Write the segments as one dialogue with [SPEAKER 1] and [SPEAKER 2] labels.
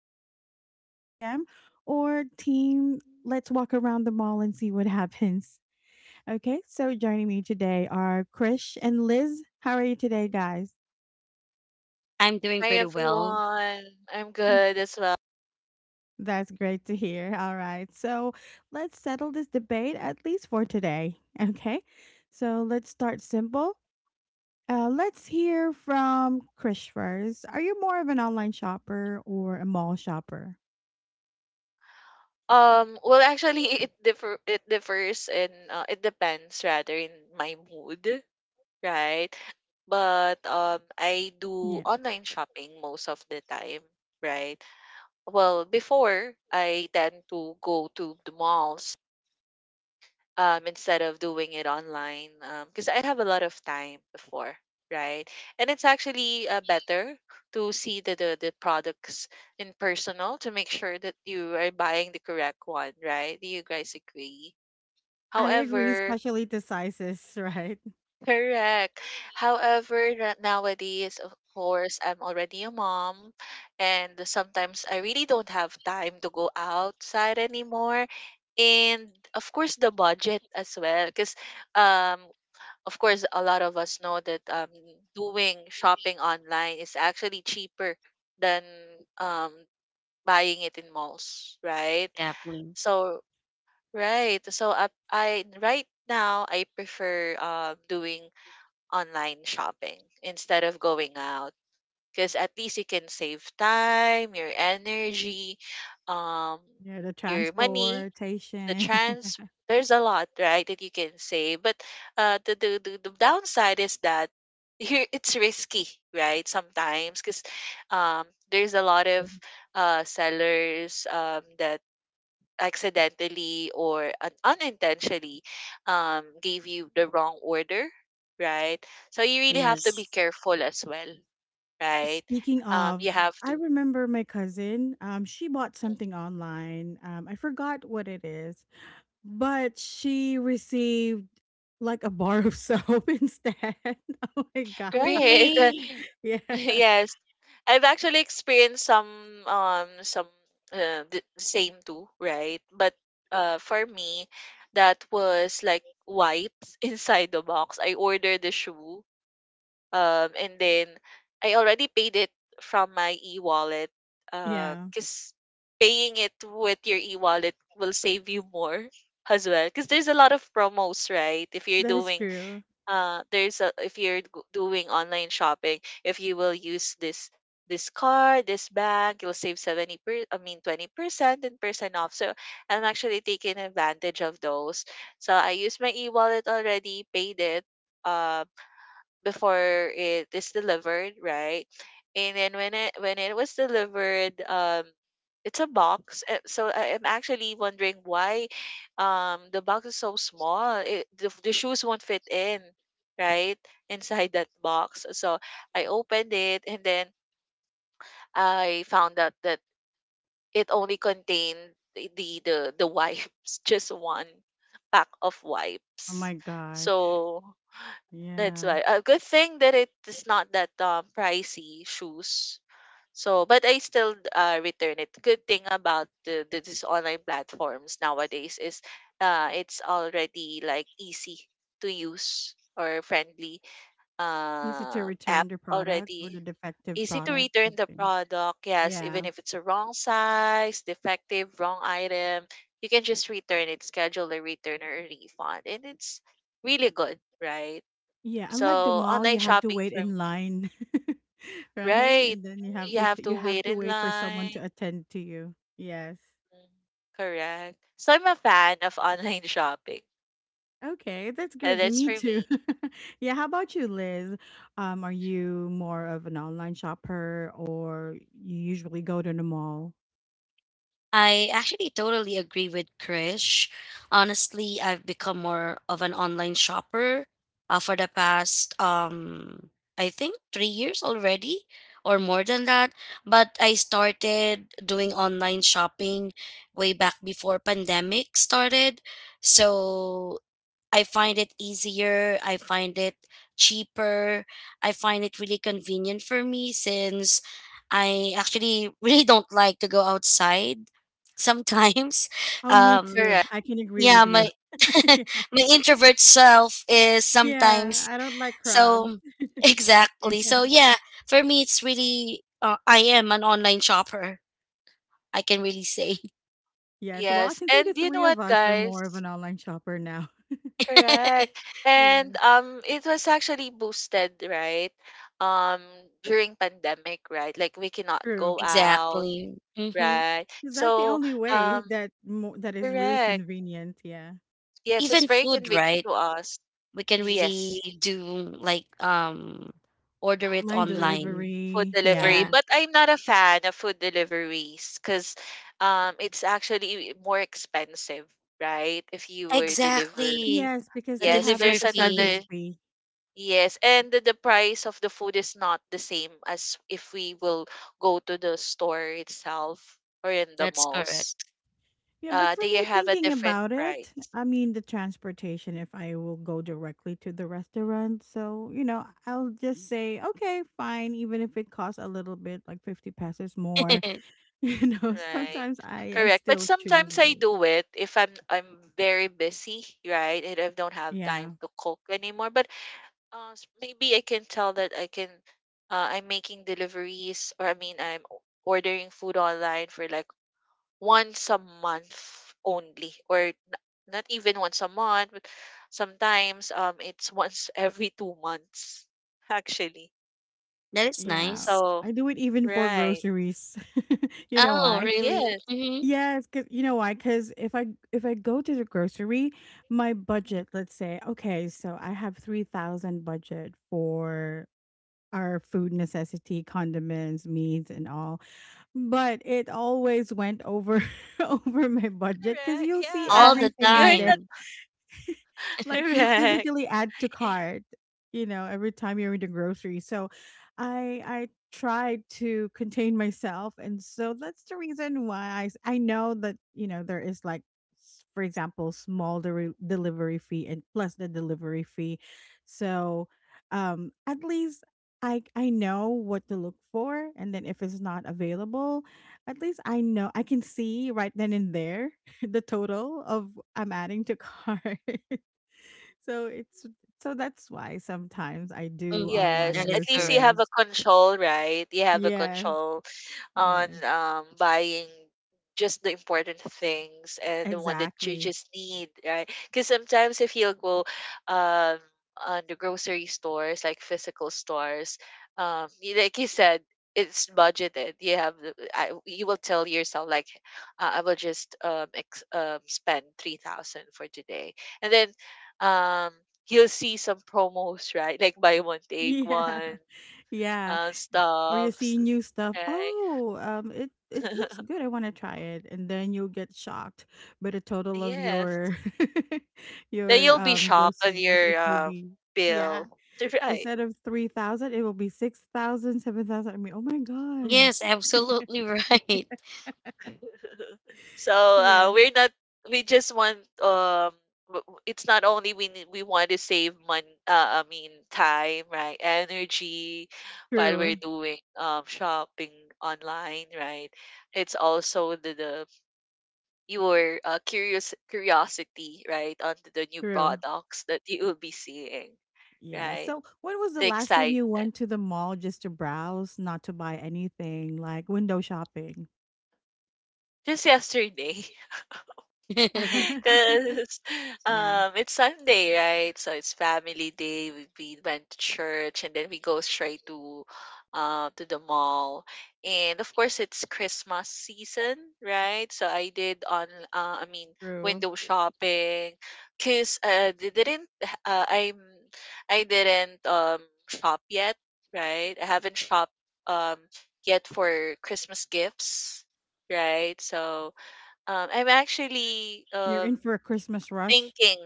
[SPEAKER 1] add to cart at 2 a.m. or team let's walk around the mall and see what happens? Okay, so joining me today are Krish and Liz. How are you today, guys?
[SPEAKER 2] I'm doing
[SPEAKER 3] Hi
[SPEAKER 2] pretty well,
[SPEAKER 3] everyone. I'm good as well.
[SPEAKER 1] That's great to hear. All right. So let's settle this debate, at least for today. Okay. So let's start simple. Let's hear from Krish first. Are you more of an online shopper or a mall shopper?
[SPEAKER 3] Well actually it differs in it depends rather in my mood, right? But I do
[SPEAKER 1] Yeah.
[SPEAKER 3] online shopping most of the time, right? Well, before I tend to go to the malls instead of doing it online because I'd have a lot of time before, right? And it's actually better to see the products in personal to make sure that you are buying the correct one, right? Do you guys agree?
[SPEAKER 1] I agree,
[SPEAKER 3] However,
[SPEAKER 1] especially the sizes, right?
[SPEAKER 3] correct. However, nowadays, of course, I'm already a mom, and sometimes I really don't have time to go outside anymore. And of course, the budget as well, because um of course, a lot of us know that doing shopping online is actually cheaper than um, buying it in malls, right?
[SPEAKER 2] definitely.
[SPEAKER 3] So, right. So, I right now I prefer doing online shopping instead of going out because at least you can save time, your energy, um,
[SPEAKER 1] Yeah, the
[SPEAKER 3] your money the
[SPEAKER 1] transportation.
[SPEAKER 3] trans there's a lot, right, that you can say. But the downside is that here it's risky, right, sometimes because um, there's a lot of sellers that accidentally or unintentionally gave you the wrong order, right? So you really have to be
[SPEAKER 2] Yes.
[SPEAKER 3] careful as well, right?
[SPEAKER 1] Speaking of,
[SPEAKER 3] You have
[SPEAKER 1] I
[SPEAKER 3] to,
[SPEAKER 1] remember my cousin, she bought something online. I forgot what it is. But she received like a bar of soap instead. Oh my god.
[SPEAKER 3] right?
[SPEAKER 2] Really?
[SPEAKER 1] Yeah.
[SPEAKER 3] yes, I've actually experienced some um some the same too, right? But for me that was like wipes inside the box. I ordered the shoe and then I already paid it from my e-wallet
[SPEAKER 1] Yeah.
[SPEAKER 3] cuz paying it with your e-wallet will save you more as well cuz there's a lot of promos, right? If you're
[SPEAKER 1] That is
[SPEAKER 3] doing
[SPEAKER 1] true.
[SPEAKER 3] there's a if doing online shopping, if you will use this card, this bank, you'll save 70 per, I mean 20% and percent off. So I'm actually taking advantage of those. So I used my e-wallet already, paid it. Um before it is delivered, right? And then when it was delivered, it's a box. So I am actually wondering why the box is so small. The shoes won't fit in, right, inside that box. So I opened it, and then I found out that it only contained the wipes, just one pack of
[SPEAKER 1] Oh
[SPEAKER 3] wipes.
[SPEAKER 1] my god.
[SPEAKER 3] So that's
[SPEAKER 1] Yeah.
[SPEAKER 3] why. A good thing that it is not that pricey shoes. So, but I still return it. Good thing about the this online platforms nowadays is it's already like easy to use or friendly
[SPEAKER 1] Easy to
[SPEAKER 3] app
[SPEAKER 1] return the product or the
[SPEAKER 3] already.
[SPEAKER 1] defective
[SPEAKER 3] Easy to
[SPEAKER 1] product,
[SPEAKER 3] return the
[SPEAKER 1] something.
[SPEAKER 3] product. Yes, even
[SPEAKER 1] Yeah.
[SPEAKER 3] if it's a wrong size, defective, wrong item, you can just return it, schedule a return or a refund, and it's really good, right?
[SPEAKER 1] Yeah. Unlike the
[SPEAKER 3] So,
[SPEAKER 1] mall,
[SPEAKER 3] online
[SPEAKER 1] you
[SPEAKER 2] Right.
[SPEAKER 1] have to
[SPEAKER 3] shopping
[SPEAKER 1] wait
[SPEAKER 3] for
[SPEAKER 1] in
[SPEAKER 3] me,
[SPEAKER 1] line. Right?
[SPEAKER 3] right.
[SPEAKER 1] And then you have
[SPEAKER 3] You
[SPEAKER 1] to
[SPEAKER 3] have to
[SPEAKER 1] you have
[SPEAKER 3] wait
[SPEAKER 1] to
[SPEAKER 3] in
[SPEAKER 1] wait for someone
[SPEAKER 3] line.
[SPEAKER 1] to attend to you. Yes.
[SPEAKER 3] Mm, correct. So, I'm a fan of online shopping.
[SPEAKER 1] Okay, that's good.
[SPEAKER 3] That's
[SPEAKER 1] Me
[SPEAKER 3] for
[SPEAKER 1] too.
[SPEAKER 3] me.
[SPEAKER 1] Yeah, how about you, Liz? Are you more of an online shopper or you usually go to the mall?
[SPEAKER 2] I actually totally agree with Krish. Honestly, I've become more of an online shopper for the past, I think, 3 years already, or more than that. But I started doing online shopping way back before pandemic started. So I find it easier. I find it cheaper. I find it really convenient for me since I actually really don't like to go outside sometimes.
[SPEAKER 1] Oh, me
[SPEAKER 2] Um,
[SPEAKER 1] too.
[SPEAKER 3] Correct.
[SPEAKER 1] I can agree
[SPEAKER 2] yeah,
[SPEAKER 1] with you.
[SPEAKER 2] my
[SPEAKER 1] Yeah,
[SPEAKER 2] my introvert self is
[SPEAKER 1] yeah,
[SPEAKER 2] sometimes
[SPEAKER 1] I don't like crowds.
[SPEAKER 2] so exactly. So yeah, for me it's really I am an online shopper. I can really say
[SPEAKER 1] Yes, well, I
[SPEAKER 3] Yes.
[SPEAKER 1] can say the
[SPEAKER 3] And you know
[SPEAKER 1] three of
[SPEAKER 3] what,
[SPEAKER 1] us are more of
[SPEAKER 3] guys?
[SPEAKER 1] an online shopper now.
[SPEAKER 3] Correct. And
[SPEAKER 1] Yeah,
[SPEAKER 3] it was actually boosted, right? Um during pandemic, right? Like we cannot
[SPEAKER 1] true.
[SPEAKER 3] go out,
[SPEAKER 2] exactly. Hmm.
[SPEAKER 3] right?
[SPEAKER 1] Because that's the
[SPEAKER 3] So,
[SPEAKER 1] only way
[SPEAKER 3] um
[SPEAKER 1] that that is really
[SPEAKER 3] correct.
[SPEAKER 1] convenient. Yeah,
[SPEAKER 3] Yes, it's
[SPEAKER 2] Even
[SPEAKER 3] very
[SPEAKER 2] food,
[SPEAKER 3] convenient
[SPEAKER 2] right?
[SPEAKER 3] to us.
[SPEAKER 2] We can
[SPEAKER 3] Yes.
[SPEAKER 2] really do like, order it
[SPEAKER 1] online
[SPEAKER 2] online.
[SPEAKER 3] Food
[SPEAKER 1] delivery.
[SPEAKER 3] delivery,
[SPEAKER 1] Yeah.
[SPEAKER 2] Yeah.
[SPEAKER 3] but I'm not a fan of food deliveries because it's actually more expensive, right? If you were deliver.
[SPEAKER 2] Exactly.
[SPEAKER 1] Yes, because
[SPEAKER 2] The
[SPEAKER 1] they
[SPEAKER 3] Yes,
[SPEAKER 1] have
[SPEAKER 2] delivery
[SPEAKER 1] like
[SPEAKER 3] there's
[SPEAKER 1] a
[SPEAKER 3] another
[SPEAKER 2] fee.
[SPEAKER 1] service fee.
[SPEAKER 3] yes, and the price of the food is not the same as if we will go to the store itself or in the
[SPEAKER 2] That's
[SPEAKER 3] malls.
[SPEAKER 2] correct.
[SPEAKER 1] Yeah, but
[SPEAKER 3] Uh,
[SPEAKER 1] for
[SPEAKER 3] they
[SPEAKER 1] me,
[SPEAKER 3] have a
[SPEAKER 1] thinking
[SPEAKER 3] different
[SPEAKER 1] about it,
[SPEAKER 3] price.
[SPEAKER 1] I mean, the transportation, if I will go directly to the restaurant. So, you know, I'll just say, okay, fine, even if it costs a little bit, like 50 pesos more, you know,
[SPEAKER 3] Right.
[SPEAKER 1] sometimes I
[SPEAKER 3] Correct. But
[SPEAKER 1] still choose
[SPEAKER 3] sometimes I
[SPEAKER 1] it.
[SPEAKER 3] do it if I'm very busy, right? And I don't have time
[SPEAKER 1] Yeah.
[SPEAKER 3] to cook anymore. But maybe I can tell that I'm making deliveries, or I mean ordering food online for like once a month only not even once a month, but sometimes it's once every 2 months actually.
[SPEAKER 2] That is
[SPEAKER 1] Yeah.
[SPEAKER 2] nice.
[SPEAKER 3] So
[SPEAKER 1] I do it even for
[SPEAKER 3] right,
[SPEAKER 1] groceries. You know
[SPEAKER 2] Oh,
[SPEAKER 1] why?
[SPEAKER 2] really?
[SPEAKER 3] yes,
[SPEAKER 2] Mhm.
[SPEAKER 1] Yes, cause you know why? Cause if I go to the grocery, my budget, let's say, okay, so I have 3,000 budget for our food necessity, condiments, meats, and all. But it always went over over my budget because
[SPEAKER 3] correct,
[SPEAKER 1] you'll see
[SPEAKER 2] All
[SPEAKER 3] yeah,
[SPEAKER 2] the
[SPEAKER 1] everything in
[SPEAKER 3] you're
[SPEAKER 1] there,
[SPEAKER 3] not
[SPEAKER 2] time.
[SPEAKER 1] like you
[SPEAKER 3] correct.
[SPEAKER 1] physically add to cart, you know, every time you're in the grocery. So I tried to contain myself, and so that's the reason why I know that, you know, there is like for example small delivery fee and plus the delivery fee. So at least I know what to look for, and then if it's not available, at least I know I can see right then and there the total of I'm adding to cart. So it's, so that's why sometimes I do
[SPEAKER 2] Mhm.
[SPEAKER 1] online
[SPEAKER 3] Yes,
[SPEAKER 2] That
[SPEAKER 3] at
[SPEAKER 2] is
[SPEAKER 3] least you
[SPEAKER 2] correct.
[SPEAKER 3] have
[SPEAKER 1] groceries.
[SPEAKER 3] a control, right? You have a
[SPEAKER 1] Yes,
[SPEAKER 3] control on
[SPEAKER 1] yes,
[SPEAKER 3] buying just the important things and the one that you
[SPEAKER 1] exactly.
[SPEAKER 3] just need, right? Because sometimes if you'll go um, on the grocery stores, like physical stores, like you said, it's budgeted. You have, you will tell yourself like, I will just spend 3,000 for today, and then um, you'll see some promos, right? Like buy one take
[SPEAKER 1] Yeah,
[SPEAKER 3] one,
[SPEAKER 1] yeah, yeah. Or you
[SPEAKER 3] stuffs,
[SPEAKER 1] see new stuff.
[SPEAKER 3] right?
[SPEAKER 1] Oh, it it looks good. I want to try it, and then you'll get shocked. But the total of
[SPEAKER 3] Yes.
[SPEAKER 1] your
[SPEAKER 3] Then
[SPEAKER 1] your
[SPEAKER 3] you'll be shocked on
[SPEAKER 1] groceries, it
[SPEAKER 3] your
[SPEAKER 1] will be yeah.
[SPEAKER 3] bill. Right.
[SPEAKER 1] Instead of 3,000, it will be 6,000, 7,000. I mean, oh my god.
[SPEAKER 2] Yes, absolutely right.
[SPEAKER 1] Yeah,
[SPEAKER 3] We're not. We just want. It's not only we need, we want to save money. I mean time, right? Energy, while we're
[SPEAKER 1] true,
[SPEAKER 3] doing shopping online, right? It's also the your curious curiosity, right, on the new
[SPEAKER 1] true.
[SPEAKER 3] products that you will be seeing,
[SPEAKER 1] Yeah.
[SPEAKER 3] right?
[SPEAKER 1] So, when was the
[SPEAKER 3] The
[SPEAKER 1] last time you
[SPEAKER 3] excitement.
[SPEAKER 1] went to the mall just to browse, not to buy anything, like window shopping?
[SPEAKER 3] Just yesterday. Because
[SPEAKER 1] Yeah,
[SPEAKER 3] it's Sunday, right? So it's family day. We went to church and then we go straight to the mall. And of course, it's Christmas season, right? So I did on, uh, I mean,
[SPEAKER 1] true.
[SPEAKER 3] window shopping. Because they didn't, I'm, I didn't shop yet, right? I haven't shopped um, yet for Christmas gifts, right? So I'm actually
[SPEAKER 1] You're in for a Christmas rush.
[SPEAKER 3] thinking.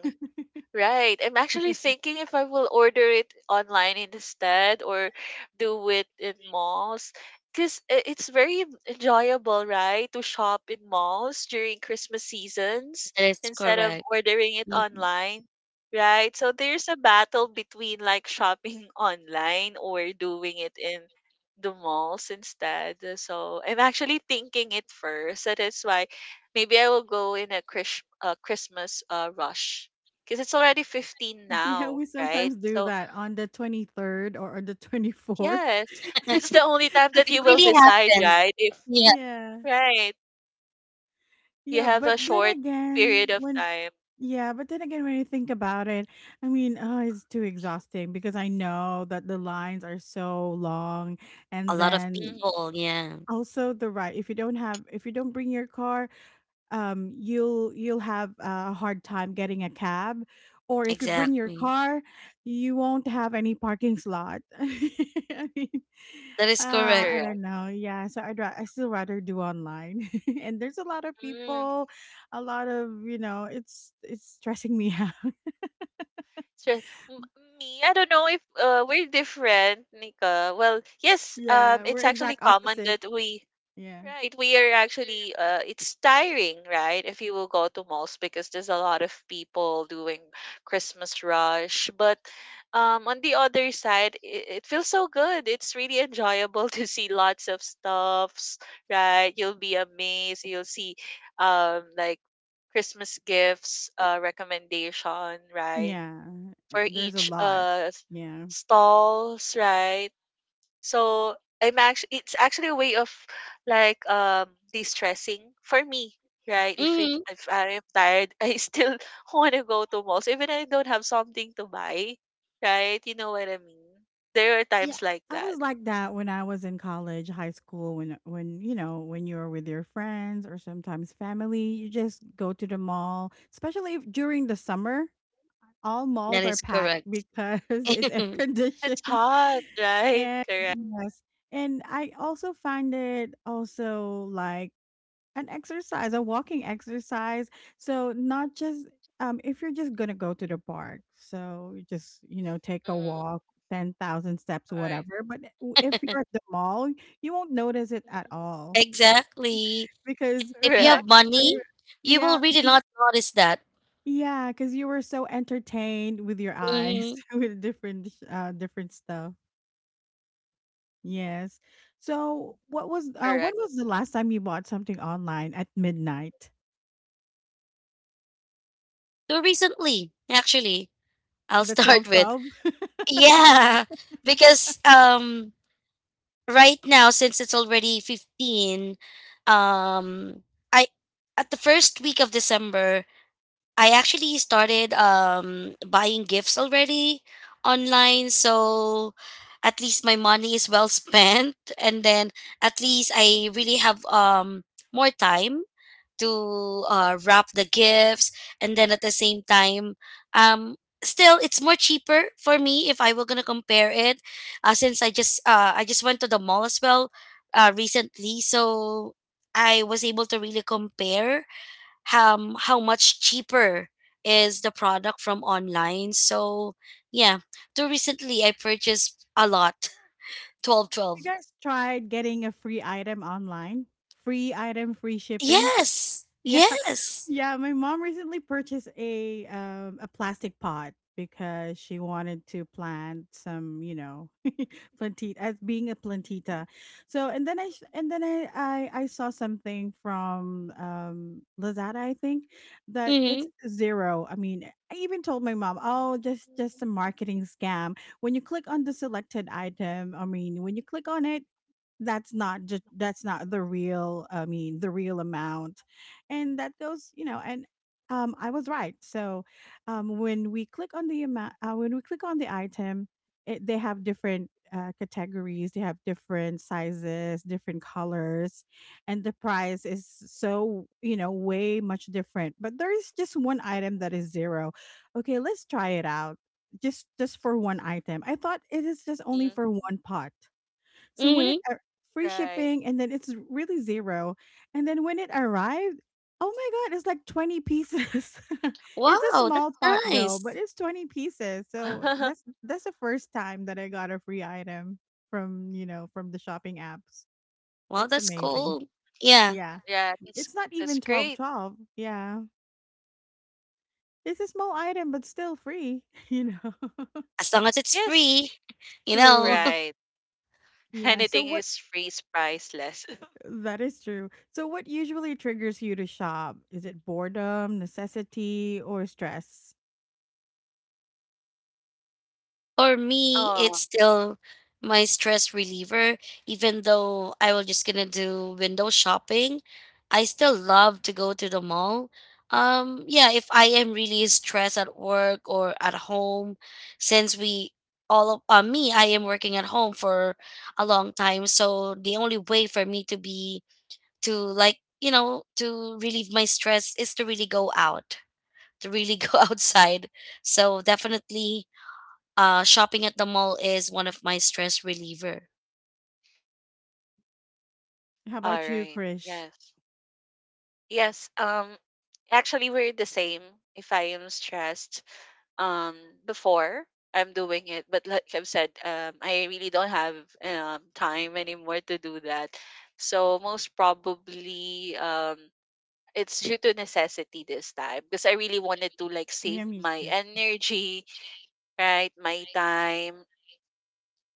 [SPEAKER 3] Right. I'm actually
[SPEAKER 1] Yeah.
[SPEAKER 3] thinking if I will order it online instead or do it in malls. Because it's very enjoyable, right? To shop in malls during Christmas seasons
[SPEAKER 2] That is
[SPEAKER 3] instead of
[SPEAKER 2] correct.
[SPEAKER 3] ordering it
[SPEAKER 2] Mhm.
[SPEAKER 3] online, right? So there's a battle between like shopping online or doing it in the malls instead. So I'm actually thinking it first. That is why maybe I will go in a Christmas rush. 'Cause it's already 15
[SPEAKER 1] Yeah,
[SPEAKER 3] now,
[SPEAKER 1] we
[SPEAKER 3] right?
[SPEAKER 1] sometimes do
[SPEAKER 3] So,
[SPEAKER 1] that on the 23rd or on the 24th.
[SPEAKER 3] yes, that's the only time that
[SPEAKER 2] It
[SPEAKER 3] you will
[SPEAKER 2] really
[SPEAKER 3] decide,
[SPEAKER 2] happens.
[SPEAKER 3] right? If
[SPEAKER 2] Yeah.
[SPEAKER 1] Yeah.
[SPEAKER 3] right, you
[SPEAKER 1] Yeah,
[SPEAKER 3] have
[SPEAKER 1] but
[SPEAKER 3] a
[SPEAKER 1] then
[SPEAKER 3] short
[SPEAKER 1] again,
[SPEAKER 3] period of
[SPEAKER 1] when,
[SPEAKER 3] time.
[SPEAKER 1] yeah, but then again when you think about it, I mean, oh, it's too exhausting because I know that the lines are so long,
[SPEAKER 2] A
[SPEAKER 1] and
[SPEAKER 2] lot of
[SPEAKER 1] then
[SPEAKER 3] Mhm,
[SPEAKER 2] people. Yeah.
[SPEAKER 1] also the ride. If you don't bring your car, you'll have a hard time getting a cab, or if you bring your
[SPEAKER 2] Exactly.
[SPEAKER 1] car, you won't have any parking slot. I mean,
[SPEAKER 2] That is correct.
[SPEAKER 1] I
[SPEAKER 3] correct.
[SPEAKER 1] don't know. Yeah, so I still rather do online, and there's a lot of
[SPEAKER 3] Mm.
[SPEAKER 1] people, a lot of, you know, it's stressing me out.
[SPEAKER 3] So, m me, I don't know if, we're different, Nika. Well, yes,
[SPEAKER 1] Yeah, we're
[SPEAKER 3] it's actually
[SPEAKER 1] exact
[SPEAKER 3] common
[SPEAKER 1] opposite.
[SPEAKER 3] that we
[SPEAKER 1] Yeah,
[SPEAKER 3] right, we are actually it's tiring, right? If you will go to malls because there's a lot of people doing Christmas rush, but on the other side, it feels so good. It's really enjoyable to see lots of stuffs, right? You'll be amazed. You'll see like Christmas gifts recommendation, right?
[SPEAKER 1] yeah,
[SPEAKER 3] For
[SPEAKER 1] there's a
[SPEAKER 3] each
[SPEAKER 1] lot, yeah.
[SPEAKER 3] stalls, right? So I'm actually it's actually a way of like de-stressing for me, right?
[SPEAKER 2] Mhm.
[SPEAKER 3] If I am tired, I still want to go to malls even I don't have something to buy, right? You know what I mean? There are
[SPEAKER 1] Yeah,
[SPEAKER 3] times like
[SPEAKER 1] I
[SPEAKER 3] that.
[SPEAKER 1] was like that when I was in college, high school, when you know, when you're with your friends or sometimes family, you just go to the mall, especially if during the summer, all malls
[SPEAKER 2] That
[SPEAKER 1] are
[SPEAKER 2] is
[SPEAKER 1] packed
[SPEAKER 2] correct.
[SPEAKER 1] because it's air
[SPEAKER 3] It's
[SPEAKER 1] conditioned.
[SPEAKER 3] hot, right?
[SPEAKER 1] And
[SPEAKER 3] Correct.
[SPEAKER 1] yes, and I also find it also like an exercise, a walking exercise. So not just, um, if you're just gonna go to the park, so you just, you know, take a
[SPEAKER 3] Mm,
[SPEAKER 1] walk, 10,000 steps,
[SPEAKER 3] right.
[SPEAKER 1] whatever. But if you're at the mall, you won't notice it at all
[SPEAKER 2] Exactly. And
[SPEAKER 1] because
[SPEAKER 2] if you
[SPEAKER 3] Correct.
[SPEAKER 1] not
[SPEAKER 2] have money,
[SPEAKER 1] sure.
[SPEAKER 2] you
[SPEAKER 1] Yeah,
[SPEAKER 2] will really
[SPEAKER 1] because,
[SPEAKER 2] not notice that.
[SPEAKER 1] yeah, because you were so entertained with your eyes
[SPEAKER 2] Mm-hmm.
[SPEAKER 1] with different different stuff. Yes. So what was, uh, when
[SPEAKER 3] Correct.
[SPEAKER 1] was the last time you bought something online at midnight?
[SPEAKER 2] So recently, actually, I'll
[SPEAKER 1] The 12
[SPEAKER 2] start with
[SPEAKER 1] 12?
[SPEAKER 2] yeah, because right now, since it's already 15, um I, at the first week of December, I actually started buying gifts already online, so at least my money is well spent, and then at least I really have more time to wrap the gifts, and then at the same time, um still, it's more cheaper for me if I were going to compare it, since I just went to the mall as well recently, so I was able to really compare how much cheaper is the product from online. So yeah, too recently I purchased a lot. 12,
[SPEAKER 1] You
[SPEAKER 2] 12.
[SPEAKER 1] guys tried getting a free item online? Free item, free shipping?
[SPEAKER 2] Yes,
[SPEAKER 1] Yeah.
[SPEAKER 2] yes.
[SPEAKER 1] Yeah, my mom recently purchased a plastic pot because she wanted to plant some, you know, plantita, as being a plantita. So and then I sh- and then I saw something from Lazada, I think, that
[SPEAKER 2] Mm-hmm.
[SPEAKER 1] it's zero. I mean, I even told my mom, "Oh, just a marketing scam." When you click on the selected item, I mean, when you click on it, that's not just, that's not the real, I mean, the real amount, and that goes, you know, and I was right. So, um, when we click on the amount, when we click on the item, it, they have different categories, they have different sizes, different colors, and the price is, so, you know, way much different, but there is just one item that is zero. Okay, let's try it out. Just for one item, I thought it is just only
[SPEAKER 3] Mm,
[SPEAKER 1] for one pot. So when
[SPEAKER 2] Mm-hmm.
[SPEAKER 1] it ar, free
[SPEAKER 3] right.
[SPEAKER 1] shipping, and then it's really 0, and then when it arrived, oh my god, it's like 20 pieces. It's a
[SPEAKER 2] Wow,
[SPEAKER 1] small
[SPEAKER 2] that's
[SPEAKER 1] pot though, but
[SPEAKER 2] nice.
[SPEAKER 1] it's 20 pieces. So that's that's the first time that I got a free item from, you know, from the shopping apps.
[SPEAKER 2] Wow,
[SPEAKER 1] It's
[SPEAKER 2] that's
[SPEAKER 1] amazing.
[SPEAKER 2] cool. Yeah,
[SPEAKER 1] Yeah.
[SPEAKER 3] yeah,
[SPEAKER 1] It's not
[SPEAKER 3] that's
[SPEAKER 1] even 12
[SPEAKER 3] great.
[SPEAKER 1] 12. Yeah. It's a small item, but still free, you know.
[SPEAKER 2] as long as it's
[SPEAKER 3] Yes.
[SPEAKER 2] free, you know.
[SPEAKER 1] True.
[SPEAKER 3] Right.
[SPEAKER 1] Yeah. So
[SPEAKER 3] Anything
[SPEAKER 1] what,
[SPEAKER 3] is free, is priceless.
[SPEAKER 1] that is true. So, what usually triggers you to shop? Is it boredom, necessity, or stress?
[SPEAKER 2] For me,
[SPEAKER 3] Oh,
[SPEAKER 2] it's still my stress reliever. Even though I was just gonna do window shopping, I still love to go to the mall. Yeah, if I am really stressed at work or at home, since we all of me, I am working at home for a long time, so the only way for me to be to like to relieve my stress is to really go out, to really go outside. So definitely, shopping at the mall is one of my stress reliever.
[SPEAKER 1] How
[SPEAKER 3] all
[SPEAKER 1] about you,
[SPEAKER 3] right.
[SPEAKER 1] Krish?
[SPEAKER 3] Yes. Yes, actually we're the same. If I am stressed, um before I'm doing it, but like I've said, I really don't have time anymore to do that. So most probably it's due to necessity this time because I really wanted to like save
[SPEAKER 1] Yeah, me
[SPEAKER 3] my
[SPEAKER 1] too.
[SPEAKER 3] energy, right? My time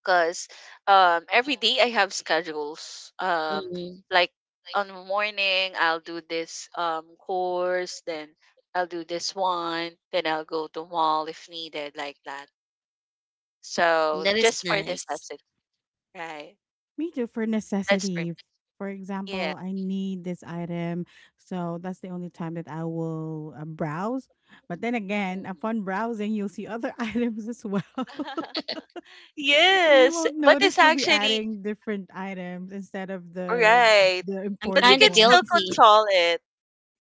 [SPEAKER 3] because every day I have schedules.
[SPEAKER 2] Mhm.
[SPEAKER 3] Like
[SPEAKER 2] Like,
[SPEAKER 3] on the morning I'll do this course, then I'll do this one, then I'll go to mall if needed, like that. So
[SPEAKER 2] that is
[SPEAKER 3] just for this
[SPEAKER 2] nice.
[SPEAKER 3] lesson, right?
[SPEAKER 1] Me too, for
[SPEAKER 3] That's for me.
[SPEAKER 1] necessity. For
[SPEAKER 3] Yeah.
[SPEAKER 1] example, I need this item. So, that's the only time that I will browse. But then again,
[SPEAKER 3] Mhm.
[SPEAKER 1] upon browsing, you'll see other items as well. And you
[SPEAKER 3] yes.
[SPEAKER 1] won't
[SPEAKER 3] But
[SPEAKER 1] notice
[SPEAKER 3] it's
[SPEAKER 1] you'll be
[SPEAKER 3] actually
[SPEAKER 1] adding different items instead of
[SPEAKER 3] right.
[SPEAKER 1] the
[SPEAKER 2] I'm
[SPEAKER 3] But you
[SPEAKER 2] kind
[SPEAKER 1] important
[SPEAKER 3] can
[SPEAKER 2] of
[SPEAKER 3] still
[SPEAKER 1] ones.
[SPEAKER 2] guilty.
[SPEAKER 3] control it.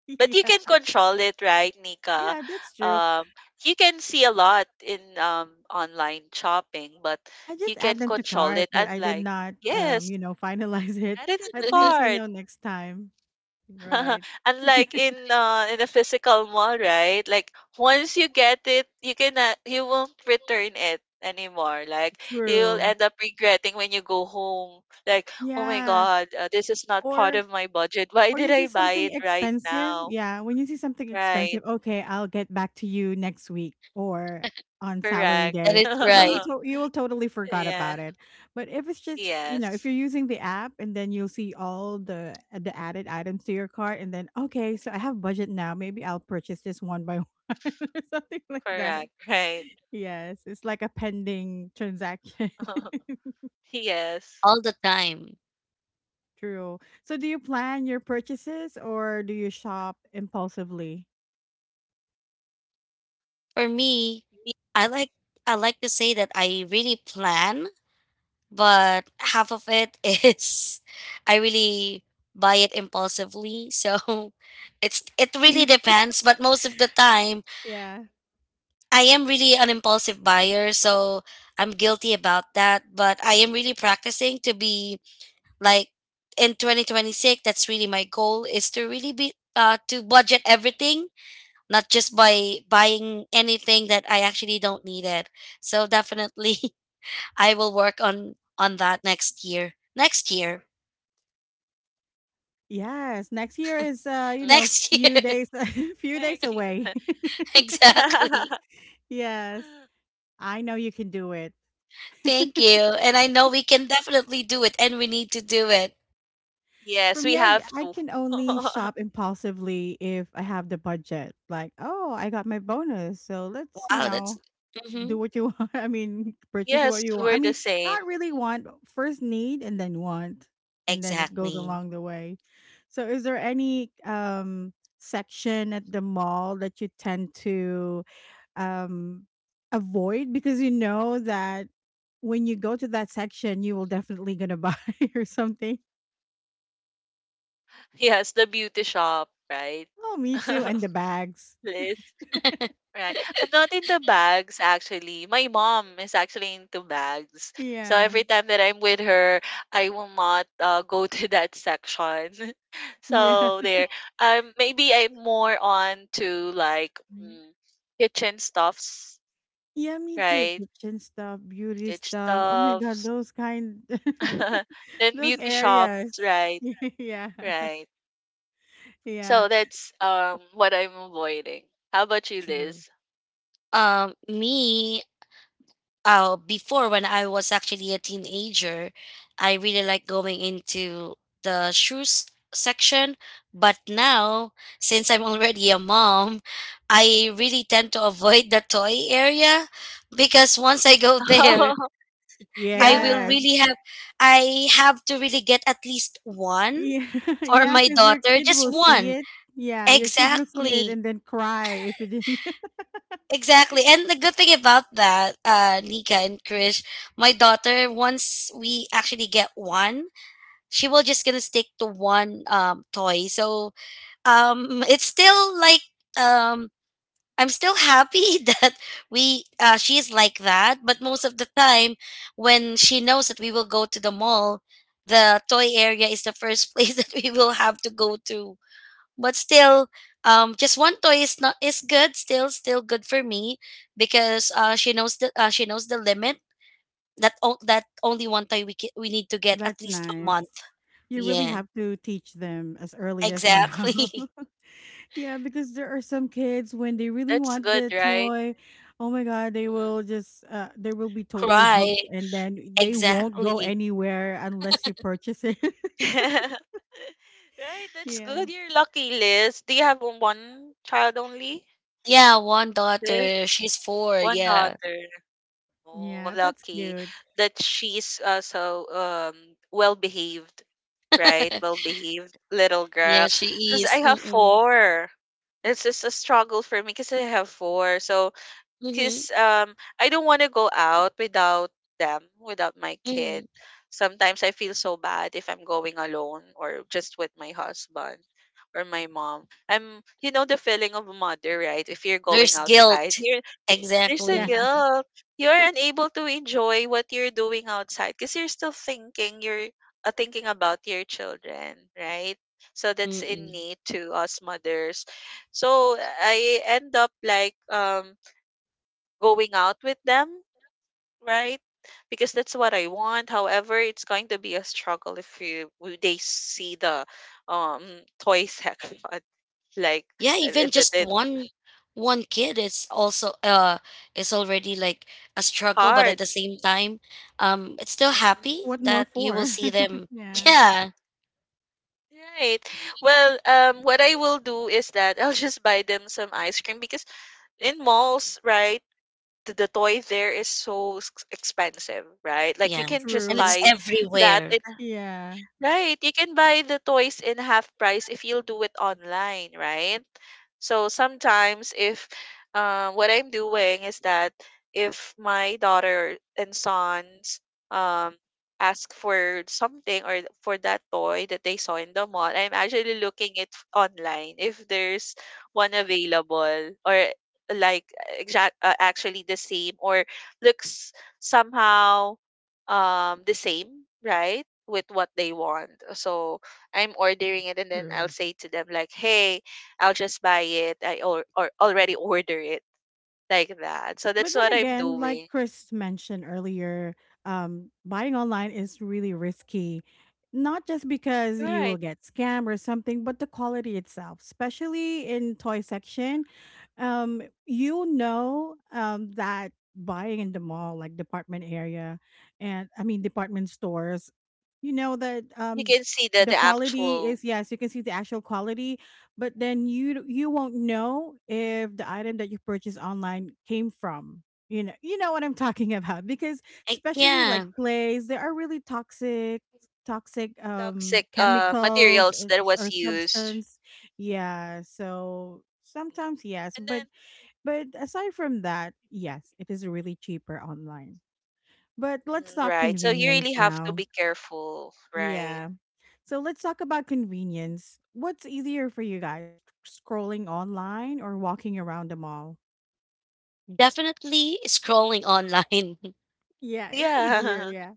[SPEAKER 3] But you
[SPEAKER 1] Yeah.
[SPEAKER 3] can control it, right, Nika?
[SPEAKER 1] Yeah, that's true.
[SPEAKER 3] Um, you can see a lot in online shopping, but
[SPEAKER 1] I
[SPEAKER 3] you
[SPEAKER 1] just
[SPEAKER 3] can
[SPEAKER 1] add them to
[SPEAKER 3] control
[SPEAKER 1] cart,
[SPEAKER 3] it.
[SPEAKER 1] but I did
[SPEAKER 3] Unlike,
[SPEAKER 1] not,
[SPEAKER 3] yes,
[SPEAKER 1] you know, finalize it.
[SPEAKER 3] add it into
[SPEAKER 1] At least, you
[SPEAKER 3] cart.
[SPEAKER 1] know, next time. Right.
[SPEAKER 3] Unlike in a physical mall, right? Like once you get it, you cannot, you won't return it anymore. Like you'll
[SPEAKER 1] True.
[SPEAKER 3] end up regretting when you go home. Like, oh my
[SPEAKER 1] Yeah.
[SPEAKER 3] God, this is not part
[SPEAKER 1] Or
[SPEAKER 3] of my budget. Why
[SPEAKER 1] Or
[SPEAKER 3] did
[SPEAKER 1] you see
[SPEAKER 3] I buy
[SPEAKER 1] something
[SPEAKER 3] it right
[SPEAKER 1] expensive.
[SPEAKER 3] now?
[SPEAKER 1] Yeah. When you see something
[SPEAKER 3] Right.
[SPEAKER 1] expensive, okay, I'll get back to you next week or on salary
[SPEAKER 3] Correct.
[SPEAKER 2] That
[SPEAKER 1] day.
[SPEAKER 2] is
[SPEAKER 1] But then you
[SPEAKER 2] right.
[SPEAKER 1] you will totally forgot
[SPEAKER 3] Yeah.
[SPEAKER 1] about it. But if it's just, you know, if
[SPEAKER 3] Yes.
[SPEAKER 1] you're using the app and then you'll see all the added items to your cart, and then okay, so I have budget now. Maybe I'll purchase this one by one or something like that.
[SPEAKER 3] Correct. Right.
[SPEAKER 1] Yes, it's like a pending transaction.
[SPEAKER 3] Yes.
[SPEAKER 2] All the time.
[SPEAKER 1] True. So do you plan your purchases or do you shop impulsively?
[SPEAKER 2] For me,
[SPEAKER 3] Me-
[SPEAKER 2] I like I like to say that I really plan, but half of it is I really buy it impulsively. So it really
[SPEAKER 1] Eat,
[SPEAKER 2] depends, but most of the time
[SPEAKER 1] yeah.
[SPEAKER 2] I am really an impulsive buyer, so I'm guilty about that, but I am really practicing to be like in 2026. That's really my goal, is to really be, to budget everything, not just by buying anything that I actually don't need it. So definitely, I will work on that next year,
[SPEAKER 1] Yes, next year is, you know,
[SPEAKER 3] mhm.
[SPEAKER 2] next
[SPEAKER 1] few
[SPEAKER 2] year.
[SPEAKER 1] days few
[SPEAKER 3] Thank
[SPEAKER 1] days
[SPEAKER 3] you.
[SPEAKER 1] away.
[SPEAKER 2] Exactly.
[SPEAKER 1] Yes, I know you can do it.
[SPEAKER 2] Thank you, and I know we can definitely do it, and we need to do it.
[SPEAKER 1] For
[SPEAKER 3] Yes,
[SPEAKER 1] me,
[SPEAKER 3] we have
[SPEAKER 1] I
[SPEAKER 3] to.
[SPEAKER 1] can only shop impulsively if I have the budget. Like, "Oh, I got my bonus, so let's, you
[SPEAKER 2] Wow, that's,
[SPEAKER 1] know,
[SPEAKER 2] hmm,
[SPEAKER 1] do what you want. I mean, purchase what
[SPEAKER 3] Yes,
[SPEAKER 1] you want. I
[SPEAKER 3] we're the
[SPEAKER 1] mean,
[SPEAKER 3] same.
[SPEAKER 1] not really want, first need and then want, and then it goes
[SPEAKER 2] exactly.
[SPEAKER 1] along the way. So, is there any section at the mall that you tend to um avoid because you know that when you go to that section, you will definitely gonna buy or something.
[SPEAKER 3] Yes, the beauty shop, right?
[SPEAKER 1] Oh, me too, and the bags.
[SPEAKER 3] List. Right. I'm not into bags actually. My mom is actually into bags. So
[SPEAKER 1] Yeah,
[SPEAKER 3] every time that I'm with her, I will not go to that section.
[SPEAKER 1] yeah.
[SPEAKER 3] so there. Maybe I'm more on to like
[SPEAKER 1] Right.
[SPEAKER 3] mm, kitchen stuffs,
[SPEAKER 1] Yeah, me too.
[SPEAKER 3] right?
[SPEAKER 1] Kitchen stuff, beauty
[SPEAKER 3] Kitchen
[SPEAKER 1] stuff. Oh my god,
[SPEAKER 3] stuffs.
[SPEAKER 1] those kind.
[SPEAKER 3] then
[SPEAKER 1] Those
[SPEAKER 3] beauty
[SPEAKER 1] areas.
[SPEAKER 3] shops, right?
[SPEAKER 1] Yeah.
[SPEAKER 3] Right.
[SPEAKER 1] Yeah.
[SPEAKER 3] So that's what I'm avoiding. How about you,
[SPEAKER 1] True.
[SPEAKER 3] Liz?
[SPEAKER 2] Me, before, when I was actually a teenager, I really like going into the shoes section. But now, since I'm already a mom, I really tend to avoid the toy area, because once I go there, I will
[SPEAKER 3] yeah.
[SPEAKER 1] Yes.
[SPEAKER 2] really have. To really get at least one
[SPEAKER 1] Yeah.
[SPEAKER 2] for
[SPEAKER 1] Yeah.
[SPEAKER 2] my
[SPEAKER 1] Because your
[SPEAKER 2] daughter,
[SPEAKER 1] kid
[SPEAKER 2] just
[SPEAKER 1] will see
[SPEAKER 2] one.
[SPEAKER 1] it. Yeah. Your kid will see it
[SPEAKER 2] Exactly.
[SPEAKER 1] and then cry if you didn't.
[SPEAKER 2] Exactly. And the good thing about that, Nika and Krish, my daughter, once we actually get one, she will just gonna stick to one toy. So it's still like um I'm still happy that we she's like that, but most of the time, when she knows that we will go to the mall, the toy area is the first place that we will have to go to. But still, just one toy is not is good, still good for me, because she knows the limit, that only one toy we need to get at
[SPEAKER 1] That's
[SPEAKER 2] least a
[SPEAKER 1] nice.
[SPEAKER 2] month.
[SPEAKER 1] You really
[SPEAKER 2] Yeah,
[SPEAKER 1] have to teach them as early as
[SPEAKER 2] exactly.
[SPEAKER 1] now. Yeah, because there are some kids when they really
[SPEAKER 3] That's
[SPEAKER 1] want
[SPEAKER 3] good,
[SPEAKER 1] the
[SPEAKER 3] right?
[SPEAKER 1] toy, oh my god, they
[SPEAKER 3] Mhm.
[SPEAKER 1] will just they will be totally
[SPEAKER 2] Cry.
[SPEAKER 1] hooked and then they won't go
[SPEAKER 3] Mhm.
[SPEAKER 2] Exactly.
[SPEAKER 1] anywhere unless you purchase it.
[SPEAKER 3] Right, that's
[SPEAKER 1] Yeah.
[SPEAKER 3] good. You're lucky, Liz. Do you have one child only?
[SPEAKER 2] Yeah, one
[SPEAKER 3] Liz,
[SPEAKER 2] daughter. She's four.
[SPEAKER 3] one
[SPEAKER 2] Yeah.
[SPEAKER 3] daughter. Oh,
[SPEAKER 1] Yeah, that's
[SPEAKER 3] lucky
[SPEAKER 1] cute.
[SPEAKER 3] that she's so well behaved, right? Well behaved little
[SPEAKER 2] Yeah,
[SPEAKER 3] girl.
[SPEAKER 2] she
[SPEAKER 3] Because I
[SPEAKER 2] is.
[SPEAKER 3] have
[SPEAKER 2] Mm-mm.
[SPEAKER 3] four. It's just a struggle for me because I have four. So
[SPEAKER 2] Mm-hmm.
[SPEAKER 3] because I don't want to go out without them, without my kid.
[SPEAKER 2] Mm-hmm.
[SPEAKER 3] Sometimes I feel so bad if I'm going alone or just with my husband or my mom. I'm the feeling of a mother, right? If you're going
[SPEAKER 2] There's
[SPEAKER 3] outside,
[SPEAKER 2] guilt.
[SPEAKER 3] you're, there's a
[SPEAKER 1] Yeah.
[SPEAKER 2] Exactly.
[SPEAKER 3] guilt. You're unable to enjoy what you're doing outside because you're still thinking you're thinking about your children, right? So that's
[SPEAKER 2] Mm-mm.
[SPEAKER 3] innate to us mothers. So I end up like going out with them, right? Because that's what I want. However, it's going to be a struggle if you they see the um toy section like
[SPEAKER 2] Yeah, even
[SPEAKER 3] it, it,
[SPEAKER 2] just
[SPEAKER 3] it
[SPEAKER 2] one kid is also is already like a struggle, but at
[SPEAKER 3] hard.
[SPEAKER 2] the same time, it's still
[SPEAKER 3] Mhm.
[SPEAKER 2] happy
[SPEAKER 1] What more
[SPEAKER 2] that you will
[SPEAKER 1] for?
[SPEAKER 2] see them.
[SPEAKER 1] Yeah.
[SPEAKER 2] Yeah.
[SPEAKER 3] Right. Well, what I will do is that I'll just buy them some ice cream because in malls, right, the toy there is so expensive, right? Like you
[SPEAKER 2] Yeah,
[SPEAKER 3] can just
[SPEAKER 2] and it's
[SPEAKER 1] True.
[SPEAKER 3] buy that
[SPEAKER 2] everywhere.
[SPEAKER 3] in.
[SPEAKER 1] Yeah.
[SPEAKER 3] Right, you can buy the toys in half price if you'll do it online, right? So sometimes if what I'm doing is that if my daughter and sons um ask for something or for that toy that they saw in the mall, I'm actually looking it online if there's one available or like exact actually the same or looks somehow the same, right? With what they want. So I'm ordering it and then I'll
[SPEAKER 1] True.
[SPEAKER 3] say to them like, "Hey, I'll just buy it. I or already order it like that." So that's
[SPEAKER 1] But then
[SPEAKER 3] what I'm
[SPEAKER 1] again, like
[SPEAKER 3] doing.
[SPEAKER 1] Chris mentioned earlier, buying online is really risky. Not just because you will
[SPEAKER 3] Right.
[SPEAKER 1] get scammed or something, but the quality itself, especially in toy section. That buying in the mall, like department area, and I mean department stores, you know that
[SPEAKER 3] You can see the
[SPEAKER 1] the quality
[SPEAKER 3] actual
[SPEAKER 1] is, yes, you can see the actual quality. But then you won't know if the item that you purchase online came from, you know what I'm talking about. Because
[SPEAKER 2] Like,
[SPEAKER 1] especially like
[SPEAKER 2] yeah,
[SPEAKER 1] clays, they are really toxic
[SPEAKER 3] toxic
[SPEAKER 1] chemicals
[SPEAKER 3] materials
[SPEAKER 1] and-
[SPEAKER 3] that was
[SPEAKER 1] or
[SPEAKER 3] used.
[SPEAKER 1] substance. Yeah, so sometimes yes,
[SPEAKER 3] And
[SPEAKER 1] but
[SPEAKER 3] then
[SPEAKER 1] aside from that, yes, it is really cheaper online. But let's
[SPEAKER 3] mm,
[SPEAKER 1] talk
[SPEAKER 3] right. So you really
[SPEAKER 1] convenience
[SPEAKER 3] have to
[SPEAKER 1] now.
[SPEAKER 3] be careful, right?
[SPEAKER 1] Yeah. So let's talk about convenience. What's easier for you guys, scrolling online or walking around the mall?
[SPEAKER 2] definitely scrolling online.
[SPEAKER 1] Yeah, it's easier.
[SPEAKER 3] Yeah.
[SPEAKER 1] Yeah.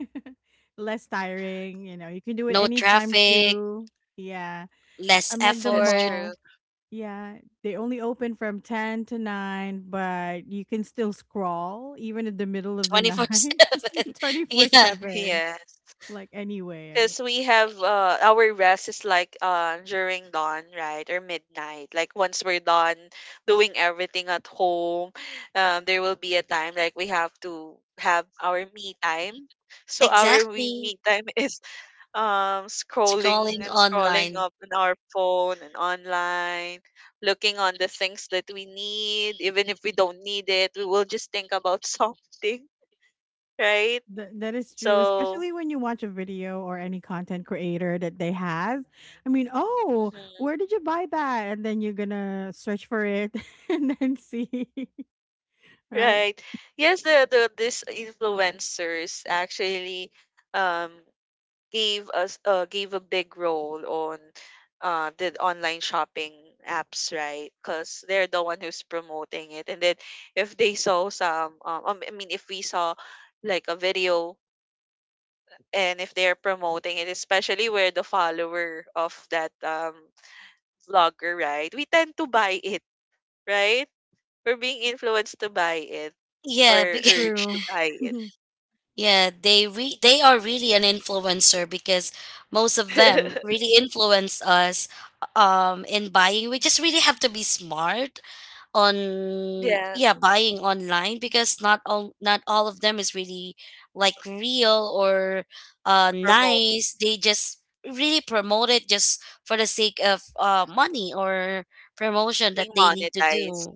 [SPEAKER 1] Less tiring. You can do it
[SPEAKER 2] No
[SPEAKER 1] anytime
[SPEAKER 2] traffic.
[SPEAKER 1] too. Yeah.
[SPEAKER 2] Less
[SPEAKER 1] Unlike the
[SPEAKER 3] That's
[SPEAKER 2] effort.
[SPEAKER 3] true.
[SPEAKER 1] mall. Yeah. They only open from 10 to 9, but you can still scroll even in the middle of the
[SPEAKER 2] 24
[SPEAKER 1] night,
[SPEAKER 2] 7
[SPEAKER 1] 24
[SPEAKER 2] Yeah,
[SPEAKER 1] 7,
[SPEAKER 3] Yeah.
[SPEAKER 1] like anywhere.
[SPEAKER 3] Because we have our rest is like during dawn, right, or midnight. Like once we're done doing everything at home, there will be a time like we have to have our me time. So our
[SPEAKER 2] exactly,
[SPEAKER 3] me time is scrolling
[SPEAKER 2] scrolling
[SPEAKER 3] and scrolling
[SPEAKER 2] online.
[SPEAKER 3] up on our phone and online, looking on the things that we need. Even if we don't need it, we will just think about something, right?
[SPEAKER 1] That is true,
[SPEAKER 3] So.
[SPEAKER 1] especially when you watch a video or any content creator that they have. I mean, oh, where
[SPEAKER 3] Mm-hmm.
[SPEAKER 1] did you buy that? And then you're gonna search for it and then see, right?
[SPEAKER 3] Right. Yes, the these influencers actually um gave us gave a big role on the online shopping apps, right? Because they're the one who's promoting it. And then if they saw some I mean if we saw like a video and if they're promoting it, especially where the follower of that vlogger, right? We tend to buy it, right? We're being influenced to buy it or
[SPEAKER 2] Yeah. Because,
[SPEAKER 3] urged to
[SPEAKER 1] True.
[SPEAKER 3] buy it.
[SPEAKER 2] yeah, they they are really an influencer, because most of them really influence us in buying. We just really have to be smart on,
[SPEAKER 3] Yeah,
[SPEAKER 2] yeah, buying online, because not all of them is really like real or
[SPEAKER 3] promote,
[SPEAKER 2] nice. They just really promote it just for the sake of money or promotion that
[SPEAKER 3] being
[SPEAKER 2] they need to
[SPEAKER 3] monetized,
[SPEAKER 2] do.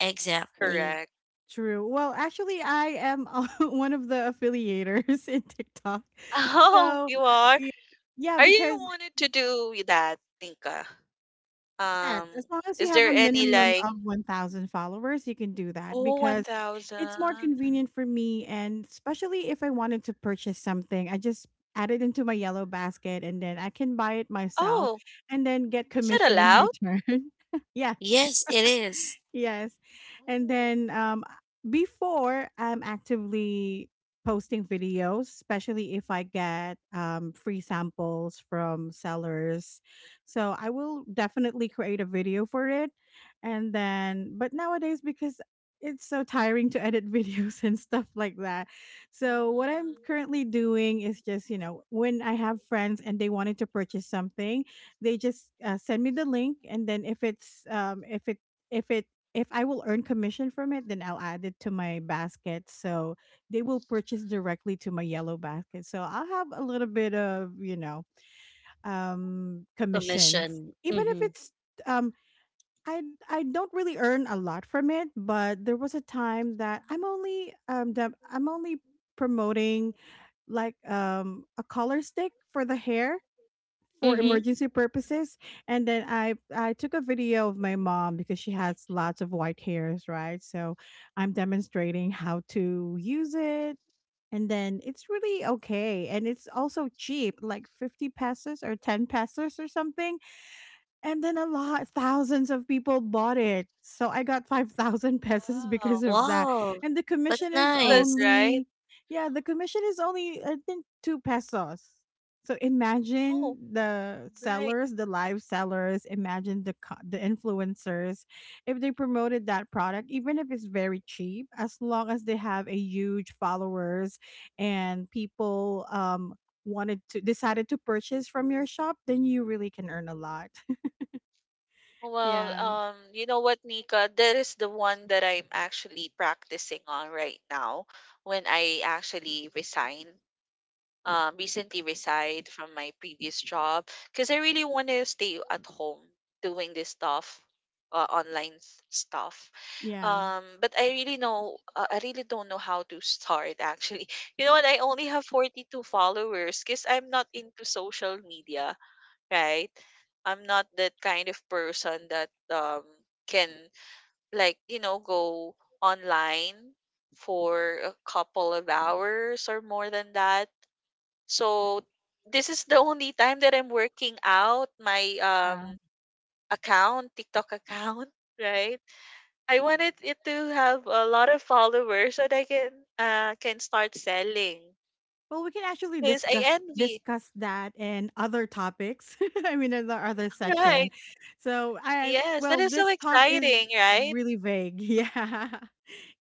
[SPEAKER 2] Exactly.
[SPEAKER 3] correct.
[SPEAKER 1] True. Well, actually, I am one of the affiliators in TikTok.
[SPEAKER 3] Oh,
[SPEAKER 1] So,
[SPEAKER 3] you are?
[SPEAKER 1] y- yeah,
[SPEAKER 3] Are you
[SPEAKER 1] because,
[SPEAKER 3] wanted to do that, Tinka?
[SPEAKER 1] yes,
[SPEAKER 3] Um,
[SPEAKER 1] as long as you
[SPEAKER 3] is
[SPEAKER 1] have
[SPEAKER 3] there
[SPEAKER 1] a
[SPEAKER 3] any
[SPEAKER 1] minimum
[SPEAKER 3] like,
[SPEAKER 1] of 1,000 followers, you can do that
[SPEAKER 3] oh,
[SPEAKER 1] because it's more
[SPEAKER 3] 1,000?
[SPEAKER 1] convenient for me. And especially if I wanted to purchase something, I just add it into my yellow basket and then I can buy it myself
[SPEAKER 3] Oh,
[SPEAKER 1] and then get
[SPEAKER 3] is it
[SPEAKER 1] commission in
[SPEAKER 3] allowed?
[SPEAKER 1] return. Yes.
[SPEAKER 2] Yes, it is
[SPEAKER 1] Yes. And
[SPEAKER 3] Oh,
[SPEAKER 1] then before I'm actively posting videos, especially if I get free samples from sellers. So I will definitely create a video for it. And then but nowadays because it's so tiring to edit videos and stuff like that. So what I'm
[SPEAKER 3] mhm.
[SPEAKER 1] currently doing is just, when I have friends and they wanted to purchase something, they just send me the link, and then if it's if it if I will earn commission from it, then I'll add it to my basket. So they will purchase directly to my yellow basket. So I'll have a little bit of, commissions,
[SPEAKER 2] commission.
[SPEAKER 1] even if
[SPEAKER 2] Mhm.
[SPEAKER 1] it's, um, I, I don't really earn a lot from it. But there was a time that that I'm only promoting, like, a color stick for the hair for
[SPEAKER 2] Mhm.
[SPEAKER 1] emergency purposes. And then I took a video of my mom because she has lots of white hairs, right? So I'm demonstrating how to use it, and then it's really okay, and it's also cheap, like 50 pesos or 10 pesos or something. And then a lot thousands of people bought it. So I got 5,000 pesos because
[SPEAKER 3] Wow,
[SPEAKER 1] of that.
[SPEAKER 2] Wow,
[SPEAKER 1] And the
[SPEAKER 2] that's
[SPEAKER 1] commission
[SPEAKER 3] that's
[SPEAKER 1] is
[SPEAKER 3] good,
[SPEAKER 2] nice.
[SPEAKER 3] right?
[SPEAKER 1] only, yeah, the commission is only, I think, 2 pesos. So imagine
[SPEAKER 3] Oh,
[SPEAKER 1] the
[SPEAKER 3] right.
[SPEAKER 1] sellers, the live sellers, imagine the the influencers, if they promoted that product, even if it's very cheap, as long as they have a huge followers and people wanted to decided to purchase from your shop, then you really can earn a lot.
[SPEAKER 3] Well,
[SPEAKER 1] Yeah,
[SPEAKER 3] you know what, Nika? That is the one that I'm actually practicing on right now when I actually resigned. Um, recently resigned from my previous job because I really want to stay at home doing this stuff, online stuff.
[SPEAKER 1] yeah,
[SPEAKER 3] But I really know, I really don't know how to start. Actually, you know what? I only have 42 followers because I'm not into social media, right? I'm not that kind of person that can like go online for a couple of hours or more than that, so this is the only time that I'm working out my
[SPEAKER 1] yeah.
[SPEAKER 3] account, TikTok account, right? I wanted it to have a lot of followers so that I can start selling.
[SPEAKER 1] Well, we can actually
[SPEAKER 3] Because I
[SPEAKER 1] discuss
[SPEAKER 3] envy.
[SPEAKER 1] discuss that and other topics. I mean, in the other session.
[SPEAKER 3] Right.
[SPEAKER 1] So,
[SPEAKER 3] Yes, that
[SPEAKER 1] well,
[SPEAKER 3] is so
[SPEAKER 1] this talk is
[SPEAKER 3] exciting, right?
[SPEAKER 1] really vague. Yeah,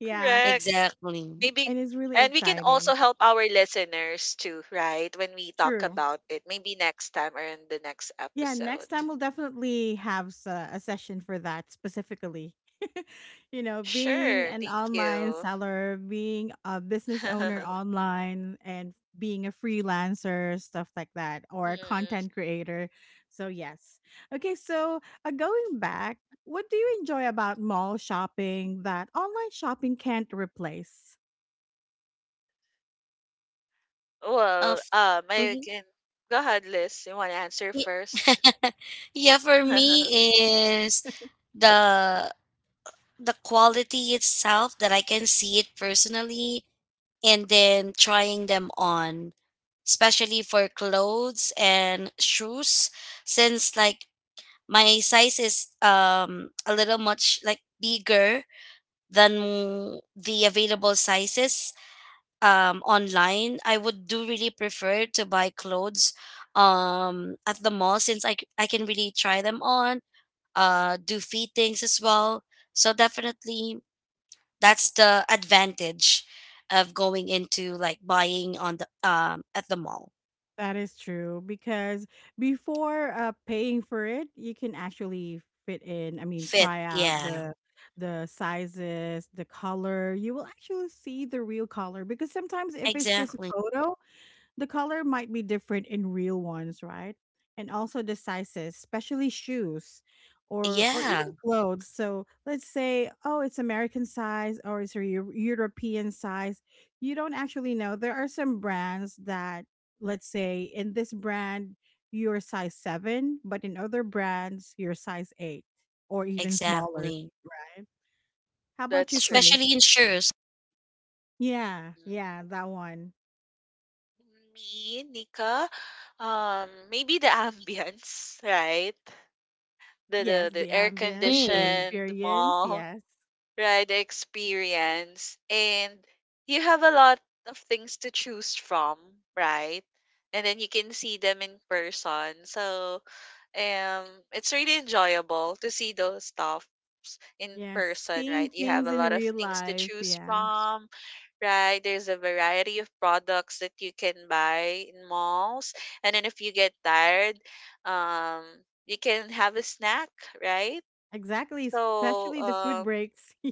[SPEAKER 1] yeah,
[SPEAKER 3] Correct.
[SPEAKER 2] Exactly.
[SPEAKER 3] Maybe,
[SPEAKER 1] and it's really
[SPEAKER 3] and we can also
[SPEAKER 1] exciting.
[SPEAKER 3] help our listeners too, right? When we talk
[SPEAKER 1] True.
[SPEAKER 3] about it. Maybe next time or in the next
[SPEAKER 1] Yeah,
[SPEAKER 3] episode.
[SPEAKER 1] next time we'll definitely have a session for that specifically. Being
[SPEAKER 3] Sure.
[SPEAKER 1] an
[SPEAKER 3] Thank
[SPEAKER 1] online
[SPEAKER 3] you.
[SPEAKER 1] seller, being a business owner online, and being a freelancer, stuff like that, or
[SPEAKER 3] Mm.
[SPEAKER 1] a content creator. So, yes. Okay, so, going back, what do you enjoy about mall shopping that online shopping can't replace?
[SPEAKER 3] Well,
[SPEAKER 2] Of.
[SPEAKER 3] I
[SPEAKER 2] Mhm.
[SPEAKER 3] can go ahead, Liz. You want to answer
[SPEAKER 2] Ye
[SPEAKER 3] first?
[SPEAKER 2] yeah, for me is the the quality itself that I can see it personally, and then trying them on, especially for clothes and shoes, since like my size is a little much like bigger than the available sizes online. I would do really prefer to buy clothes at the mall, since I can really try them on, do fittings as well. So definitely, that's the advantage of going into like buying on the at the mall.
[SPEAKER 1] That is true because before paying for it, you can actually fit in. I mean,
[SPEAKER 2] Fit,
[SPEAKER 1] try out
[SPEAKER 2] yeah,
[SPEAKER 1] the sizes, the color. You will actually see the real color because sometimes if it's just a
[SPEAKER 2] exactly.
[SPEAKER 1] photo, the color might be different in real ones, right? And also the sizes, especially shoes or even
[SPEAKER 2] Yeah,
[SPEAKER 1] clothes. So let's say, oh, it's American size or it's a European size. You don't actually know. There are some brands that, let's say, in this brand you're size 7, but in other brands you're size 8 or even smaller,
[SPEAKER 2] exactly,
[SPEAKER 1] right? How about you,
[SPEAKER 3] That's true.
[SPEAKER 1] Chris?
[SPEAKER 2] especially in shoes.
[SPEAKER 1] Yeah,
[SPEAKER 3] Mhm.
[SPEAKER 1] yeah, that one.
[SPEAKER 3] Me, Nika, maybe the ambience, right? The
[SPEAKER 1] Yes,
[SPEAKER 3] the
[SPEAKER 1] the
[SPEAKER 3] the air
[SPEAKER 1] ambience, the
[SPEAKER 2] Mm,
[SPEAKER 3] conditioned
[SPEAKER 1] experience.
[SPEAKER 3] mall,
[SPEAKER 1] Yes.
[SPEAKER 3] right? The experience, and you have a lot of things to choose from, right? And then you can see them in person, so um it's really enjoyable to see those stuffs in
[SPEAKER 1] Yes,
[SPEAKER 3] person,
[SPEAKER 1] seeing
[SPEAKER 3] right? You have
[SPEAKER 1] things
[SPEAKER 3] a
[SPEAKER 1] in
[SPEAKER 3] lot of
[SPEAKER 1] real
[SPEAKER 3] things to
[SPEAKER 1] life.
[SPEAKER 3] choose
[SPEAKER 1] Yeah,
[SPEAKER 3] from, right? There's a variety of products that you can buy in malls, and then if you get tired, um you can have a snack, right?
[SPEAKER 1] exactly.
[SPEAKER 3] So
[SPEAKER 1] Especially the food breaks.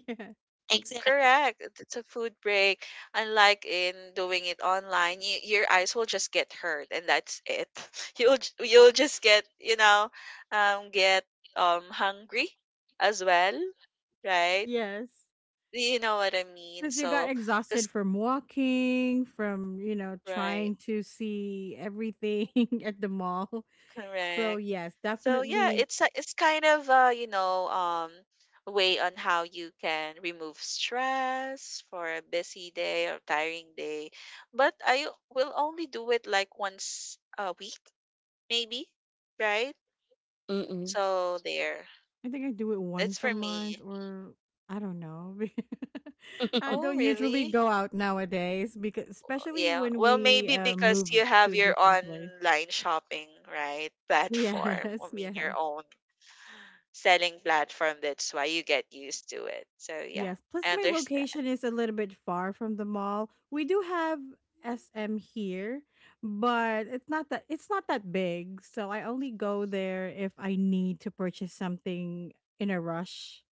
[SPEAKER 2] exactly.
[SPEAKER 3] correct. It- It's a food break. Unlike in doing it online, y your eyes will just get hurt, and that's it. You'll you'll just get get hungry as well, right?
[SPEAKER 1] Yeah, yes.
[SPEAKER 3] You know what I mean?
[SPEAKER 1] Because you got
[SPEAKER 3] So,
[SPEAKER 1] exhausted
[SPEAKER 3] cause
[SPEAKER 1] from walking, from,
[SPEAKER 3] right.
[SPEAKER 1] trying to see everything at the mall. So,
[SPEAKER 3] Correct.
[SPEAKER 1] yes,
[SPEAKER 3] So yeah,
[SPEAKER 1] definitely.
[SPEAKER 3] it's it's kind of way on how you can remove stress for a busy day or tiring day. But I will only do it like once a week, maybe, right?
[SPEAKER 2] Mm-mm.
[SPEAKER 3] So there.
[SPEAKER 1] I think I do it
[SPEAKER 3] That's
[SPEAKER 1] once a
[SPEAKER 3] for
[SPEAKER 1] month
[SPEAKER 3] me.
[SPEAKER 1] or I don't know. I
[SPEAKER 3] Oh,
[SPEAKER 1] don't usually
[SPEAKER 3] really?
[SPEAKER 1] go out nowadays because,
[SPEAKER 3] Oh,
[SPEAKER 1] especially
[SPEAKER 3] yeah.
[SPEAKER 1] when
[SPEAKER 3] Well,
[SPEAKER 1] we
[SPEAKER 3] maybe because
[SPEAKER 1] move
[SPEAKER 3] you have
[SPEAKER 1] to a
[SPEAKER 3] your
[SPEAKER 1] different place.
[SPEAKER 3] online shopping, right? Platform. I
[SPEAKER 1] Yes,
[SPEAKER 3] mean, your
[SPEAKER 1] yes.
[SPEAKER 3] own selling platform. That's why you get used to it. So yeah,
[SPEAKER 1] Yes, plus
[SPEAKER 3] I
[SPEAKER 1] my
[SPEAKER 3] understand.
[SPEAKER 1] location is a little bit far from the mall. We do have SM here, but it's not that big, so I only go there if I need to purchase something in a rush.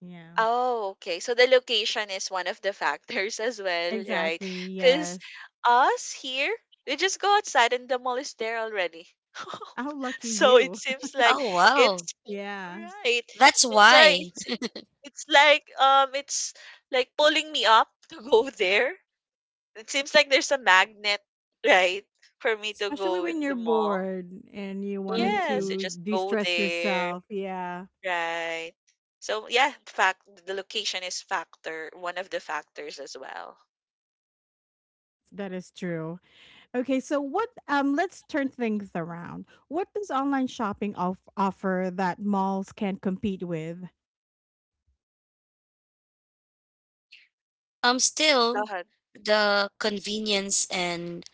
[SPEAKER 1] Yeah.
[SPEAKER 3] Oh, okay. So the location is one of the factors as well, right?
[SPEAKER 1] Exactly.
[SPEAKER 3] Because
[SPEAKER 1] Yes.
[SPEAKER 3] us here, we just go outside and the mall is there already.
[SPEAKER 1] How lucky
[SPEAKER 3] So it
[SPEAKER 1] you.
[SPEAKER 3] seems like
[SPEAKER 2] Oh, wow,
[SPEAKER 3] it's
[SPEAKER 1] Yeah.
[SPEAKER 3] right.
[SPEAKER 2] that's
[SPEAKER 3] That's why
[SPEAKER 2] why.
[SPEAKER 3] it's like pulling me up to go there. It seems like there's a magnet, right, for me to
[SPEAKER 1] Especially
[SPEAKER 3] go
[SPEAKER 1] when
[SPEAKER 3] in
[SPEAKER 1] you're
[SPEAKER 3] the mall.
[SPEAKER 1] bored and you wanted
[SPEAKER 2] Mm.
[SPEAKER 3] Yes, I
[SPEAKER 1] to
[SPEAKER 3] just go
[SPEAKER 1] de-stress
[SPEAKER 3] there.
[SPEAKER 1] yourself. Yeah,
[SPEAKER 3] Right. So yeah, fact the location is factor one of the factors as well.
[SPEAKER 1] that is true. Okay, so what let's turn things around. What does online shopping offer that malls can't compete with?
[SPEAKER 2] Still
[SPEAKER 3] Lahat
[SPEAKER 2] the convenience and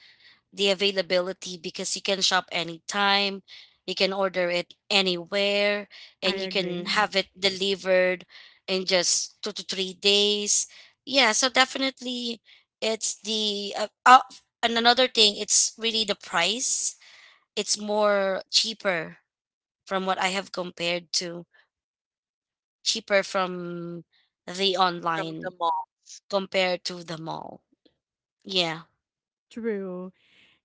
[SPEAKER 2] the availability, because you can shop anytime, you can order it anywhere,
[SPEAKER 1] I
[SPEAKER 2] and you can
[SPEAKER 1] agree.
[SPEAKER 2] have it delivered in just 2 to 3 days. Yeah, so definitely, it's the and another thing, it's really the price. It's more cheaper from what I have compared to cheaper from the
[SPEAKER 3] from the
[SPEAKER 2] online
[SPEAKER 3] malls.
[SPEAKER 2] compared to the mall. Yeah.
[SPEAKER 1] True.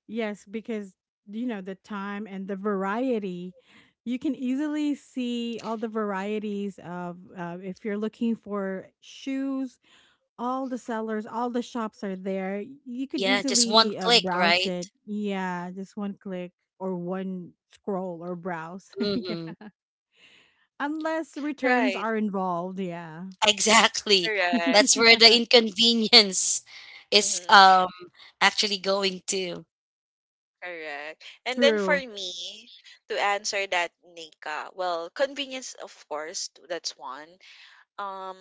[SPEAKER 1] Yes, because you know the time and the variety. You can easily see all the varieties of, if you're looking for shoes, all the sellers, all the shops are there. You can
[SPEAKER 2] Yeah, just one
[SPEAKER 1] easily
[SPEAKER 2] click,
[SPEAKER 1] browse
[SPEAKER 2] right?
[SPEAKER 1] it. Yeah, just one click or one scroll or browse. Yeah.
[SPEAKER 2] Hmm.
[SPEAKER 1] Unless returns
[SPEAKER 3] Right.
[SPEAKER 1] are involved, yeah.
[SPEAKER 2] Exactly.
[SPEAKER 3] Correct.
[SPEAKER 2] That's where the
[SPEAKER 1] Yeah,
[SPEAKER 2] inconvenience is
[SPEAKER 3] Hmm.
[SPEAKER 2] actually going to.
[SPEAKER 3] Correct. And then for
[SPEAKER 1] true.
[SPEAKER 3] me to answer that, Nika, well, convenience of course, that's one. Um,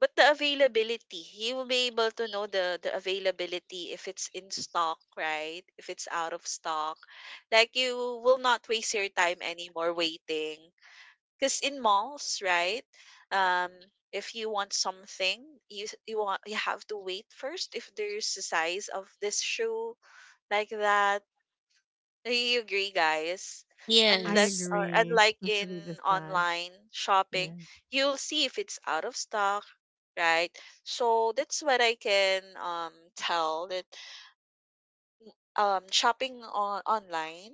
[SPEAKER 3] but the availability, you will be able to know the availability if it's in stock, right? If it's out of stock, like you will not waste your time anymore waiting. Because in malls, right, um if you want something you you want, you have to wait first if there's a size of this shoe, like that. Do you agree, guys?
[SPEAKER 1] I
[SPEAKER 3] Unless
[SPEAKER 2] Yes,
[SPEAKER 3] or
[SPEAKER 1] agree,
[SPEAKER 3] unlike in
[SPEAKER 1] especially this size.
[SPEAKER 3] online shopping,
[SPEAKER 1] Yeah.
[SPEAKER 3] you'll see if it's out of stock, right? So that's what I can tell, that shopping on online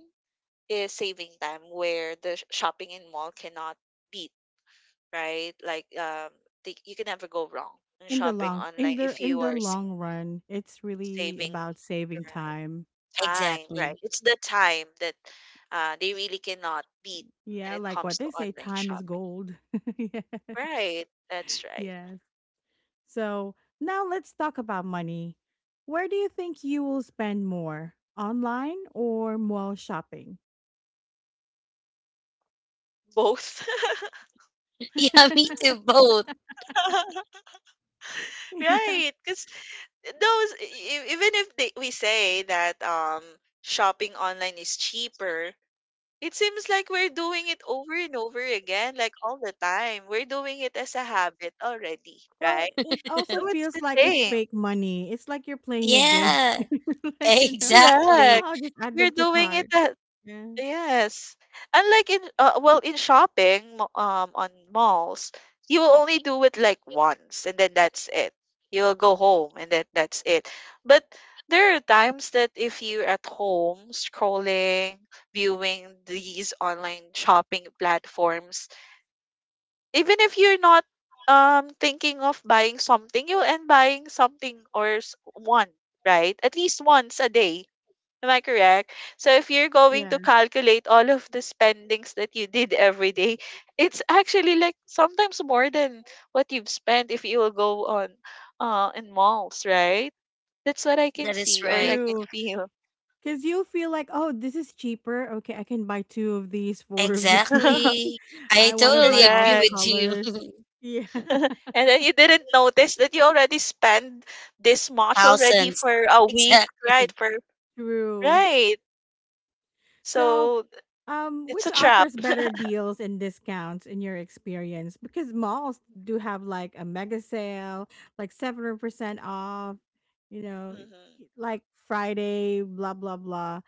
[SPEAKER 3] is saving time, where the shopping in mall cannot beat, right? Like, the, you can never go wrong in
[SPEAKER 1] In the
[SPEAKER 3] shopping
[SPEAKER 1] long
[SPEAKER 3] online
[SPEAKER 1] in the
[SPEAKER 3] if
[SPEAKER 1] in
[SPEAKER 3] you
[SPEAKER 1] the
[SPEAKER 3] are
[SPEAKER 1] long run, it's really
[SPEAKER 3] saving
[SPEAKER 1] about
[SPEAKER 3] the
[SPEAKER 1] saving
[SPEAKER 3] right
[SPEAKER 1] time.
[SPEAKER 3] time, right?
[SPEAKER 2] exactly.
[SPEAKER 3] It's the time that they really cannot beat when
[SPEAKER 1] Yeah,
[SPEAKER 3] it
[SPEAKER 1] like what
[SPEAKER 3] comes to
[SPEAKER 1] they say,
[SPEAKER 3] online
[SPEAKER 1] time is
[SPEAKER 3] shopping,
[SPEAKER 1] gold. Yeah.
[SPEAKER 3] right? That's right.
[SPEAKER 1] Yes. So now let's talk about money. Where do you think you will spend more? Online or mall shopping?
[SPEAKER 3] Both,
[SPEAKER 2] Yeah, me too, both.
[SPEAKER 3] right? Because those, even if they, we say that shopping online is cheaper, it seems like we're doing it over and over again, like all the time. We're doing it as a habit already,
[SPEAKER 1] Well,
[SPEAKER 3] right?
[SPEAKER 1] it also
[SPEAKER 3] Oh, it's
[SPEAKER 1] feels
[SPEAKER 3] the
[SPEAKER 1] like it's
[SPEAKER 3] same.
[SPEAKER 1] fake money. It's like you're playing a game.
[SPEAKER 2] Yeah,
[SPEAKER 1] Like, oh,
[SPEAKER 2] exactly.
[SPEAKER 3] Correct.
[SPEAKER 1] I'll just add them
[SPEAKER 3] You're
[SPEAKER 1] to
[SPEAKER 3] doing it
[SPEAKER 1] cart.
[SPEAKER 3] at,
[SPEAKER 1] Yeah.
[SPEAKER 3] yes. Unlike in well, in shopping on malls, you will only do it like once and then that's it. You'll go home and then that's it. But there are times that if you're at home scrolling, viewing these online shopping platforms, even if you're not thinking of buying something, you'll end buying something or one, right? At least once a day. Am I correct? So if you're going
[SPEAKER 1] Yeah.
[SPEAKER 3] to calculate all of the spendings that you did every day, it's actually like sometimes more than what you've spent if you will go on in malls, right? That's what I can
[SPEAKER 2] That is
[SPEAKER 3] see or I
[SPEAKER 2] right.
[SPEAKER 3] can
[SPEAKER 1] True.
[SPEAKER 3] feel.
[SPEAKER 1] Cause feel like, oh, this is cheaper. Okay, I can buy two of these, four of these.
[SPEAKER 2] Exactly.
[SPEAKER 1] I
[SPEAKER 2] I
[SPEAKER 1] wanna
[SPEAKER 2] totally
[SPEAKER 1] buy all
[SPEAKER 2] agree
[SPEAKER 1] the
[SPEAKER 3] Correct.
[SPEAKER 2] with you.
[SPEAKER 1] colors. Yeah.
[SPEAKER 3] And then you didn't notice that you already spent this much already
[SPEAKER 2] Thousands.
[SPEAKER 3] for a week, right?
[SPEAKER 2] Exactly.
[SPEAKER 3] For
[SPEAKER 1] True.
[SPEAKER 3] right.
[SPEAKER 1] So,
[SPEAKER 3] So
[SPEAKER 1] um,
[SPEAKER 3] it's
[SPEAKER 1] which
[SPEAKER 3] a trap.
[SPEAKER 1] offers better deals and discounts in your experience? Because malls do have like a mega sale, like 7% off, you know,
[SPEAKER 3] Hmm.
[SPEAKER 1] like Friday, blah, blah, blah.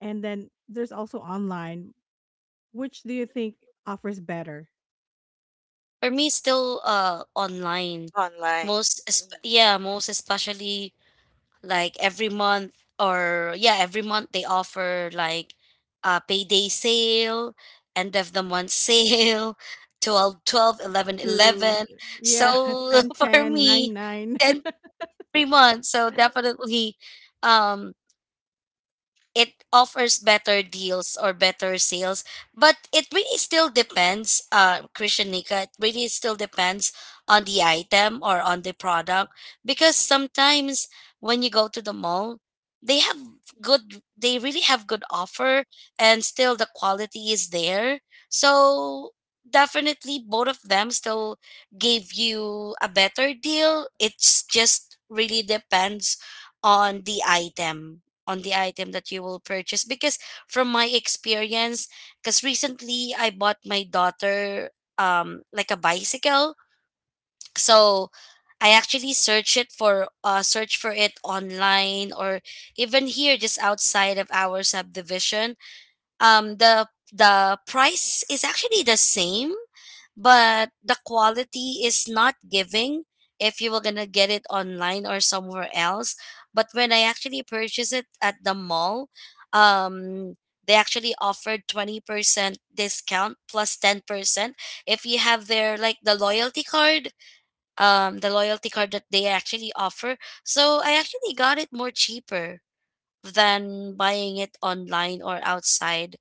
[SPEAKER 1] And then there's also online. Which do you think offers better?
[SPEAKER 2] For me, it's still online.
[SPEAKER 3] Online.
[SPEAKER 2] Most,
[SPEAKER 3] Hmm.
[SPEAKER 2] yeah, most especially like every month, or yeah, every month they offer like a payday sale, end of the month sale, 12, 12, 11,
[SPEAKER 1] True.
[SPEAKER 2] 11.
[SPEAKER 1] Yeah,
[SPEAKER 2] So
[SPEAKER 1] 10
[SPEAKER 2] for
[SPEAKER 1] 10, 9.
[SPEAKER 2] me,
[SPEAKER 1] Nine.
[SPEAKER 2] and every month, so definitely, um it offers better deals or better sales, but it really still depends, Christian, Nika, it really still depends on the item or on the product, because sometimes when you go to the mall, they have good they really have good offer, and still the quality is there. So definitely, both of them still give you a better deal. It's just really depends on the item on the item that you will purchase, because from my experience, because recently I bought my daughter like a bicycle. So I actually search for it online, or even here, just outside of our subdivision. um the the price is actually the same, but the quality is not giving if you were gonna get it online or somewhere else. But when I actually purchased it at the mall, um they actually offered 20% discount, 10% if you have their, like, the loyalty card, the loyalty card that they actually offer. So I actually got it more cheaper than buying it online or outside.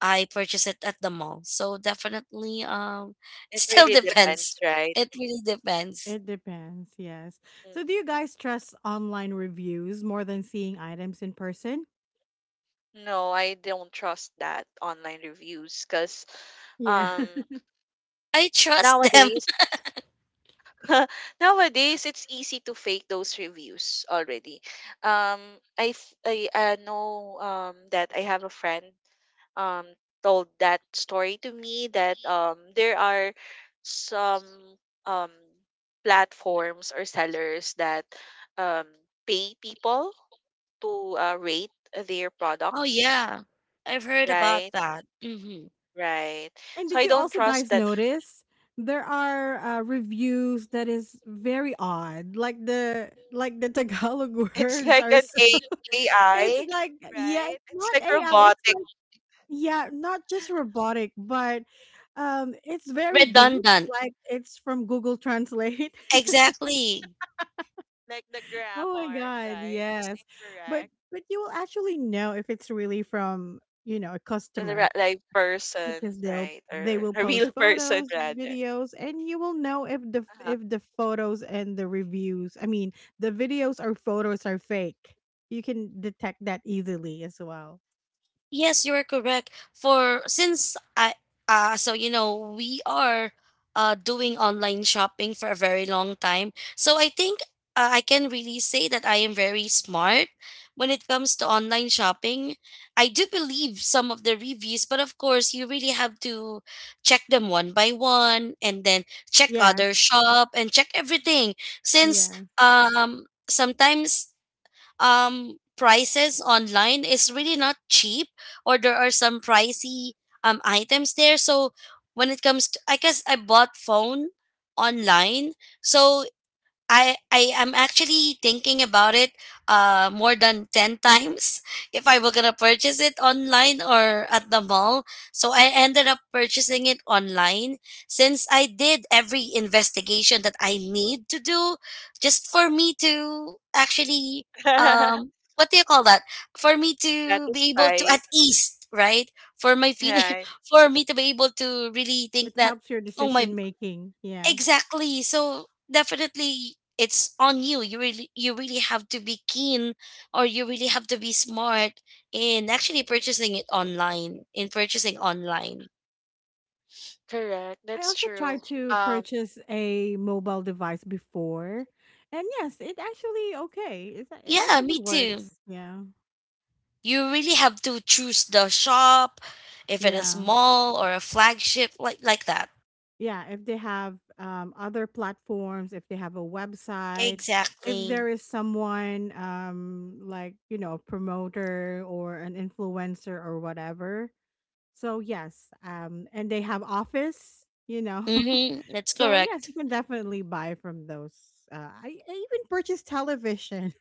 [SPEAKER 2] I purchase it at the mall. So definitely, it
[SPEAKER 3] It
[SPEAKER 2] still
[SPEAKER 3] really
[SPEAKER 2] depends.
[SPEAKER 3] depends, right?
[SPEAKER 2] It really depends.
[SPEAKER 1] It depends, yes. So do
[SPEAKER 3] Mhm.
[SPEAKER 1] you guys trust online reviews more than seeing items in person?
[SPEAKER 3] No, I don't trust that online reviews because
[SPEAKER 1] Yeah.
[SPEAKER 3] um
[SPEAKER 2] I trust them.
[SPEAKER 3] nowadays nowadays it's easy to fake those reviews already. Um, I I know that I have a friend um told that story to me, that there are some um platforms or sellers that um pay people to rate their
[SPEAKER 2] Oh
[SPEAKER 3] products,
[SPEAKER 2] yeah, I've heard about
[SPEAKER 3] right?
[SPEAKER 2] that. Hmm.
[SPEAKER 3] Right.
[SPEAKER 1] And
[SPEAKER 3] So
[SPEAKER 1] did
[SPEAKER 3] I
[SPEAKER 1] you
[SPEAKER 3] don't
[SPEAKER 1] also
[SPEAKER 3] trust
[SPEAKER 1] guys
[SPEAKER 3] that.
[SPEAKER 1] notice there are reviews that is very odd. Like the Tagalog
[SPEAKER 3] It's
[SPEAKER 1] words
[SPEAKER 3] like
[SPEAKER 1] are
[SPEAKER 3] an
[SPEAKER 1] so it's
[SPEAKER 3] AI,
[SPEAKER 1] like yeah,
[SPEAKER 3] right?
[SPEAKER 1] it's
[SPEAKER 3] It's
[SPEAKER 1] not
[SPEAKER 3] like
[SPEAKER 1] AI. It's
[SPEAKER 3] robotic,
[SPEAKER 1] like yeah, not just robotic, but it's very deep.
[SPEAKER 2] Redundant,
[SPEAKER 1] Like it's from Google Translate.
[SPEAKER 2] exactly.
[SPEAKER 3] like the
[SPEAKER 1] Oh my
[SPEAKER 3] grammar,
[SPEAKER 1] god,
[SPEAKER 3] right? Is
[SPEAKER 1] yes. But
[SPEAKER 3] incorrect.
[SPEAKER 1] but you will actually know if it's really from, a customer.
[SPEAKER 3] Like person,
[SPEAKER 1] Because they'll
[SPEAKER 3] right?
[SPEAKER 1] they
[SPEAKER 3] Or
[SPEAKER 1] will
[SPEAKER 3] a
[SPEAKER 1] post
[SPEAKER 3] real person
[SPEAKER 1] photos,
[SPEAKER 3] rather.
[SPEAKER 1] videos, and you will know if the
[SPEAKER 3] Uh-huh.
[SPEAKER 1] if the photos and the reviews, I mean, the videos or photos are fake. You can detect that easily as well.
[SPEAKER 2] Yes, you are correct. For, since I, so you know, we are, doing online shopping for a very long time. So I think, I can really say that I am very smart when it comes to online shopping. I do believe some of the reviews, but of course, you really have to check them one by one, and then check other
[SPEAKER 1] Yes.
[SPEAKER 2] shop and check everything, since
[SPEAKER 1] Yes.
[SPEAKER 2] sometimes, prices online is really not cheap, or there are some pricey items there. So when it comes to, I guess I bought phone online, so I am actually thinking about it, more than 10 times, if I were going to purchase it online or at the mall. So I ended up purchasing it online, since I did every investigation that I need to do, just for me to actually, what do you call that? For me to be able to
[SPEAKER 3] Satisfied,
[SPEAKER 2] at ease, right? For my feeling,
[SPEAKER 3] right?
[SPEAKER 2] for me to be able to really think
[SPEAKER 1] It
[SPEAKER 2] that,
[SPEAKER 1] helps your
[SPEAKER 2] oh
[SPEAKER 1] decision
[SPEAKER 2] my.
[SPEAKER 1] making. Yeah.
[SPEAKER 2] Exactly. So definitely, it's on you. You really have to be keen, or you really have to be smart in actually
[SPEAKER 3] Mm,
[SPEAKER 2] purchasing it online, in purchasing online.
[SPEAKER 3] correct.
[SPEAKER 1] I
[SPEAKER 3] That's
[SPEAKER 1] also
[SPEAKER 3] true.
[SPEAKER 1] tried to
[SPEAKER 3] Um,
[SPEAKER 1] purchase a mobile device before. And yes, it actually okay. It
[SPEAKER 2] Yeah,
[SPEAKER 1] actually
[SPEAKER 2] me too.
[SPEAKER 1] works. Yeah.
[SPEAKER 2] You really have to choose the shop, if it is
[SPEAKER 1] Yeah.
[SPEAKER 2] mall or a flagship like that.
[SPEAKER 1] Yeah, if they have other platforms, if they have a website, if
[SPEAKER 2] Exactly.
[SPEAKER 1] there is someone, like, a promoter or an influencer or whatever. So, yes. And they have office.
[SPEAKER 2] Mhm. That's
[SPEAKER 1] So, yes,
[SPEAKER 2] correct.
[SPEAKER 1] you can definitely buy from those. I even purchased television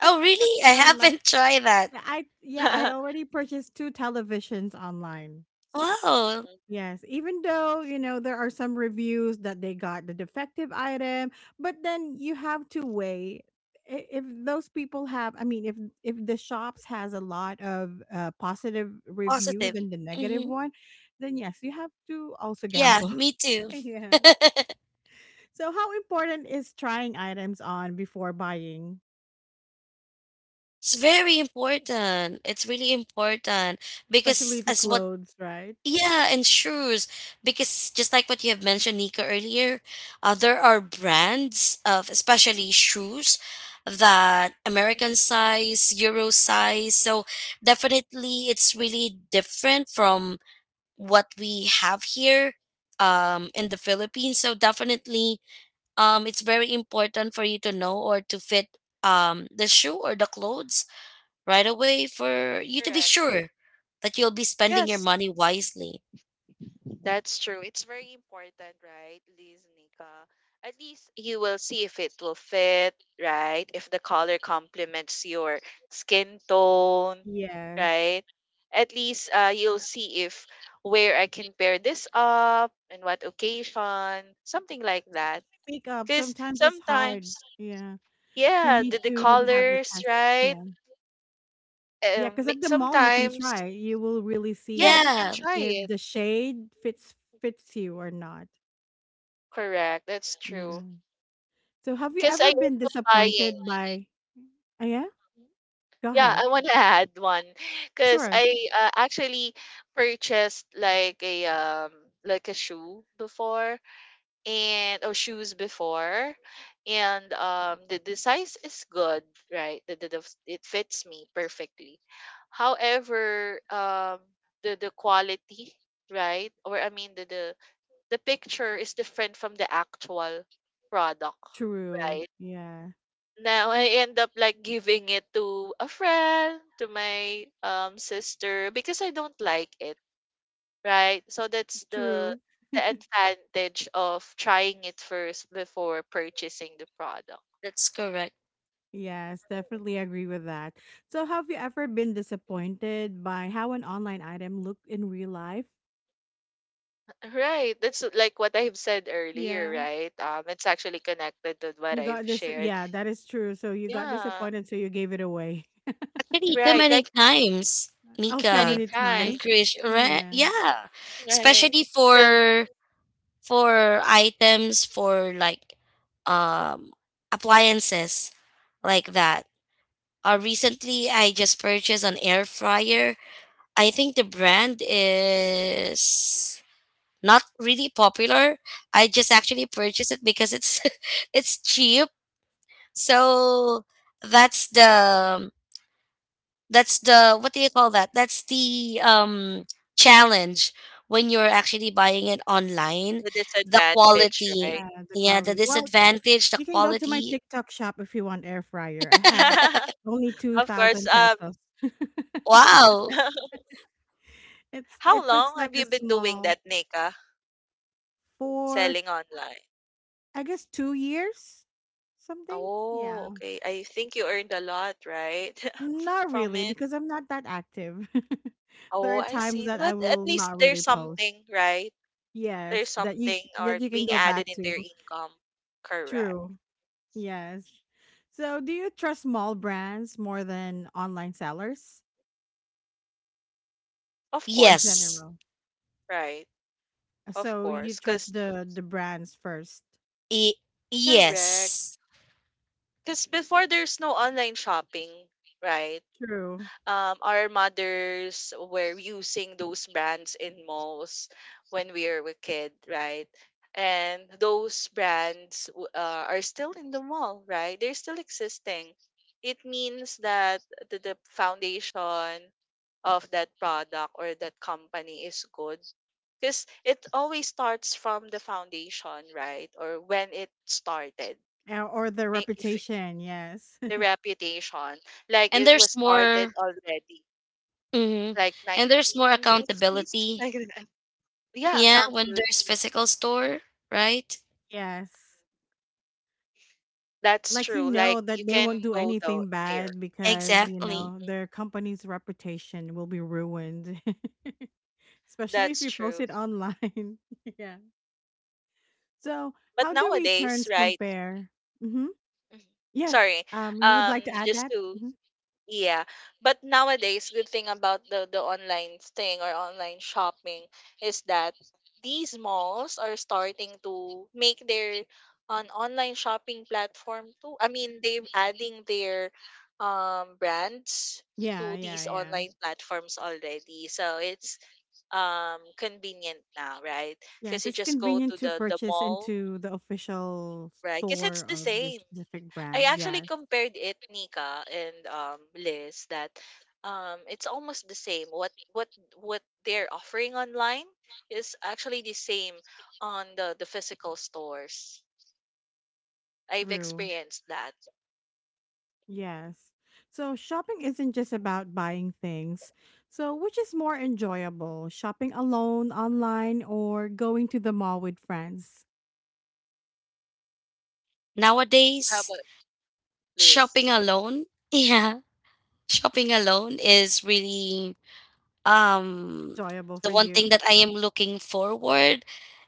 [SPEAKER 2] Oh, really? I
[SPEAKER 1] online.
[SPEAKER 2] haven't tried that.
[SPEAKER 1] Yeah, I already purchased two televisions online.
[SPEAKER 2] Wow,
[SPEAKER 1] Yes, even though, there are some reviews that they got the defective item, but then you have to weigh, if those people have, I mean, if the shops has a lot of positive review
[SPEAKER 2] positive.
[SPEAKER 1] than the negative
[SPEAKER 2] Hmm.
[SPEAKER 1] one, then yes, you have to also
[SPEAKER 2] Yeah,
[SPEAKER 1] gamble.
[SPEAKER 2] me too.
[SPEAKER 1] Yeah. So how important is trying items on before buying,
[SPEAKER 2] It's very important. It's really important because
[SPEAKER 1] especially the
[SPEAKER 2] as what
[SPEAKER 1] clothes, right?
[SPEAKER 2] yeah, and shoes because just like what you have mentioned, Nika, earlier, there are brands of especially shoes that American size, Euro size. So definitely it's really different from what we have here, in the Philippines. So definitely, it's very important for you to know or to fit the shoe or the clothes right away for you to be
[SPEAKER 3] correct.
[SPEAKER 2] sure that you'll be spending your
[SPEAKER 3] Yes.
[SPEAKER 2] money wisely.
[SPEAKER 3] That's true. It's very important, right, Liz, Nika? At least you will see if it will fit, right? If the color complements your skin tone,
[SPEAKER 1] Yes.
[SPEAKER 3] right? At least you'll see if where I can pair this up and what occasion, something like that.
[SPEAKER 1] Makeup
[SPEAKER 3] Because
[SPEAKER 1] sometimes it's hard.
[SPEAKER 3] sometimes,
[SPEAKER 1] Yeah. You
[SPEAKER 3] yeah,
[SPEAKER 1] need
[SPEAKER 3] the
[SPEAKER 1] to have a
[SPEAKER 3] colors,
[SPEAKER 1] test.
[SPEAKER 3] right?
[SPEAKER 1] Yeah. Yeah, cause at the mall you can
[SPEAKER 3] Sometimes,
[SPEAKER 1] try. You will really
[SPEAKER 3] yeah,
[SPEAKER 1] see
[SPEAKER 3] you can
[SPEAKER 2] Yeah,
[SPEAKER 3] try
[SPEAKER 1] if
[SPEAKER 3] it.
[SPEAKER 1] the shade fits you or not.
[SPEAKER 3] Correct. That's true.
[SPEAKER 1] Yeah. So have you
[SPEAKER 3] Because I
[SPEAKER 1] ever
[SPEAKER 3] end
[SPEAKER 1] been
[SPEAKER 3] up buying.
[SPEAKER 1] disappointed by yeah? Go
[SPEAKER 3] Yeah,
[SPEAKER 1] ahead.
[SPEAKER 3] I want to add one because
[SPEAKER 1] Sure.
[SPEAKER 3] I actually purchased like a shoe before and or shoes before, and the size is good, right? The it fits me perfectly. However, the quality, right? Or I mean the picture is different from the actual product,
[SPEAKER 1] True.
[SPEAKER 3] right?
[SPEAKER 1] Yeah.
[SPEAKER 3] Now I end up like giving it to a friend, to my sister because I don't like it, right? So that's the
[SPEAKER 1] True.
[SPEAKER 3] the advantage of trying it first before purchasing the product.
[SPEAKER 2] that's correct.
[SPEAKER 1] Yes, definitely agree with that. So have you ever been disappointed by how an online item looked in real life?
[SPEAKER 3] Right. That's like what I've said earlier,
[SPEAKER 1] Yeah.
[SPEAKER 3] right? It's actually connected to what
[SPEAKER 1] You
[SPEAKER 3] I've
[SPEAKER 1] got this
[SPEAKER 3] shared.
[SPEAKER 1] yeah, that is true. So you got
[SPEAKER 3] Yeah.
[SPEAKER 1] disappointed so you gave it away.
[SPEAKER 2] Actually, too
[SPEAKER 3] Right.
[SPEAKER 2] many
[SPEAKER 3] Like
[SPEAKER 2] times,
[SPEAKER 1] Oh, so
[SPEAKER 3] many
[SPEAKER 2] Mika
[SPEAKER 1] many
[SPEAKER 2] and
[SPEAKER 3] times.
[SPEAKER 1] times.
[SPEAKER 2] Krish, right?
[SPEAKER 1] Yeah.
[SPEAKER 2] Yeah,
[SPEAKER 3] Right.
[SPEAKER 2] especially
[SPEAKER 3] The
[SPEAKER 2] for items for like um appliances like that. Recently, I just purchased an air fryer. I think the brand is not really popular. I just actually purchased it because it's it's cheap. So that's the that's the what do you call that? That's the challenge when you're actually buying it online.
[SPEAKER 3] the
[SPEAKER 2] The
[SPEAKER 3] disadvantage,
[SPEAKER 2] quality,
[SPEAKER 3] right?
[SPEAKER 1] Yeah, the
[SPEAKER 2] yeah, the
[SPEAKER 1] collie. Well,
[SPEAKER 2] disadvantage, the
[SPEAKER 1] you can go to my
[SPEAKER 2] quality.
[SPEAKER 1] TikTok shop if you want air fryer. I have only
[SPEAKER 3] of course,
[SPEAKER 1] 2000
[SPEAKER 3] um
[SPEAKER 1] pesos.
[SPEAKER 2] Wow.
[SPEAKER 1] It's
[SPEAKER 3] How
[SPEAKER 1] it looks
[SPEAKER 3] long have
[SPEAKER 1] like a
[SPEAKER 3] you been doing
[SPEAKER 1] small
[SPEAKER 3] that, Nika?
[SPEAKER 1] for
[SPEAKER 3] Selling online?
[SPEAKER 1] I guess 2 years something.
[SPEAKER 3] Oh,
[SPEAKER 1] Yeah.
[SPEAKER 3] okay. I think you earned a lot, right?
[SPEAKER 1] Not
[SPEAKER 3] From
[SPEAKER 1] really
[SPEAKER 3] it.
[SPEAKER 1] because I'm not that active. There
[SPEAKER 3] Oh,
[SPEAKER 1] are
[SPEAKER 3] I
[SPEAKER 1] times
[SPEAKER 3] see.
[SPEAKER 1] that I
[SPEAKER 3] But at
[SPEAKER 1] will
[SPEAKER 3] least
[SPEAKER 1] not
[SPEAKER 3] there's
[SPEAKER 1] really post.
[SPEAKER 3] something, right? There's
[SPEAKER 1] Yes,
[SPEAKER 3] something or
[SPEAKER 1] that you can
[SPEAKER 3] being
[SPEAKER 1] go
[SPEAKER 3] added
[SPEAKER 1] back
[SPEAKER 3] into
[SPEAKER 1] to.
[SPEAKER 3] your income. Correct.
[SPEAKER 1] True. Yes. So, do you trust small brands more than online sellers
[SPEAKER 3] Of
[SPEAKER 1] in
[SPEAKER 3] course.
[SPEAKER 2] Yes.
[SPEAKER 1] general?
[SPEAKER 3] Right. Of
[SPEAKER 1] So you
[SPEAKER 3] course. Because,
[SPEAKER 1] trust the brands first.
[SPEAKER 2] I-
[SPEAKER 3] correct.
[SPEAKER 2] yes.
[SPEAKER 3] Because before there's no online shopping, right?
[SPEAKER 1] True.
[SPEAKER 3] Our mothers were using those brands in malls when we were a kid, right? And those brands are still in the mall, right? They're still existing. It means that the foundation of that product or that company is good because it always starts from the foundation, right? Or when it started,
[SPEAKER 1] Or their
[SPEAKER 3] like, if it-
[SPEAKER 1] reputation, yes.
[SPEAKER 3] the reputation, like
[SPEAKER 2] And
[SPEAKER 3] it
[SPEAKER 2] there's
[SPEAKER 3] was started
[SPEAKER 2] more.
[SPEAKER 3] already
[SPEAKER 2] Hmm.
[SPEAKER 3] like
[SPEAKER 2] And there's more
[SPEAKER 3] 1950s
[SPEAKER 2] accountability.
[SPEAKER 3] like that. Yeah,
[SPEAKER 2] Yeah, when there's
[SPEAKER 3] accountability.
[SPEAKER 2] physical store, right?
[SPEAKER 1] Yes.
[SPEAKER 3] That's
[SPEAKER 1] Like you
[SPEAKER 3] true, like
[SPEAKER 1] know that
[SPEAKER 3] you
[SPEAKER 1] they
[SPEAKER 3] can
[SPEAKER 1] won't do
[SPEAKER 3] go though
[SPEAKER 1] anything
[SPEAKER 3] there.
[SPEAKER 1] bad because, you
[SPEAKER 2] Exactly.
[SPEAKER 1] know,
[SPEAKER 3] Mm,
[SPEAKER 1] their company's reputation will be ruined. Especially if
[SPEAKER 3] that's
[SPEAKER 1] you post
[SPEAKER 3] true.
[SPEAKER 1] it online. yeah. So,
[SPEAKER 3] But
[SPEAKER 1] how do
[SPEAKER 3] nowadays,
[SPEAKER 1] returns
[SPEAKER 3] right?
[SPEAKER 1] compare? Mhm.
[SPEAKER 3] Mhm.
[SPEAKER 1] Yes.
[SPEAKER 3] Sorry.
[SPEAKER 1] You would
[SPEAKER 3] Um
[SPEAKER 1] like to add
[SPEAKER 3] just
[SPEAKER 1] that?
[SPEAKER 3] to
[SPEAKER 1] Mhm.
[SPEAKER 3] Yeah, but nowadays, good thing about the online thing or online shopping is that these malls are starting to make their an online shopping platform too. I mean, they're adding their brands
[SPEAKER 1] Yeah,
[SPEAKER 3] to
[SPEAKER 1] yeah,
[SPEAKER 3] these
[SPEAKER 1] yeah.
[SPEAKER 3] online platforms already. So it's convenient now, right? Because
[SPEAKER 1] Yes,
[SPEAKER 3] you
[SPEAKER 1] it's
[SPEAKER 3] just go to
[SPEAKER 1] convenient to
[SPEAKER 3] the
[SPEAKER 1] purchase
[SPEAKER 3] mall,
[SPEAKER 1] into the official
[SPEAKER 3] right? Because it's
[SPEAKER 1] store
[SPEAKER 3] the
[SPEAKER 1] of the
[SPEAKER 3] same.
[SPEAKER 1] specific
[SPEAKER 3] I
[SPEAKER 1] brand.
[SPEAKER 3] actually
[SPEAKER 1] Yes,
[SPEAKER 3] compared it, Nika and Liz, that it's almost the same. What what they're offering online is actually the same on the physical stores. I've
[SPEAKER 1] true.
[SPEAKER 3] experienced that.
[SPEAKER 1] Yes. So shopping isn't just about buying things. So, which is more enjoyable: shopping alone, online, or going to the mall with friends?
[SPEAKER 3] How
[SPEAKER 2] Nowadays,
[SPEAKER 3] about Liz?
[SPEAKER 2] shopping alone, yeah, shopping alone is really um
[SPEAKER 1] Enjoyable
[SPEAKER 2] the
[SPEAKER 1] for
[SPEAKER 2] one thing
[SPEAKER 1] you.
[SPEAKER 2] that I am looking forward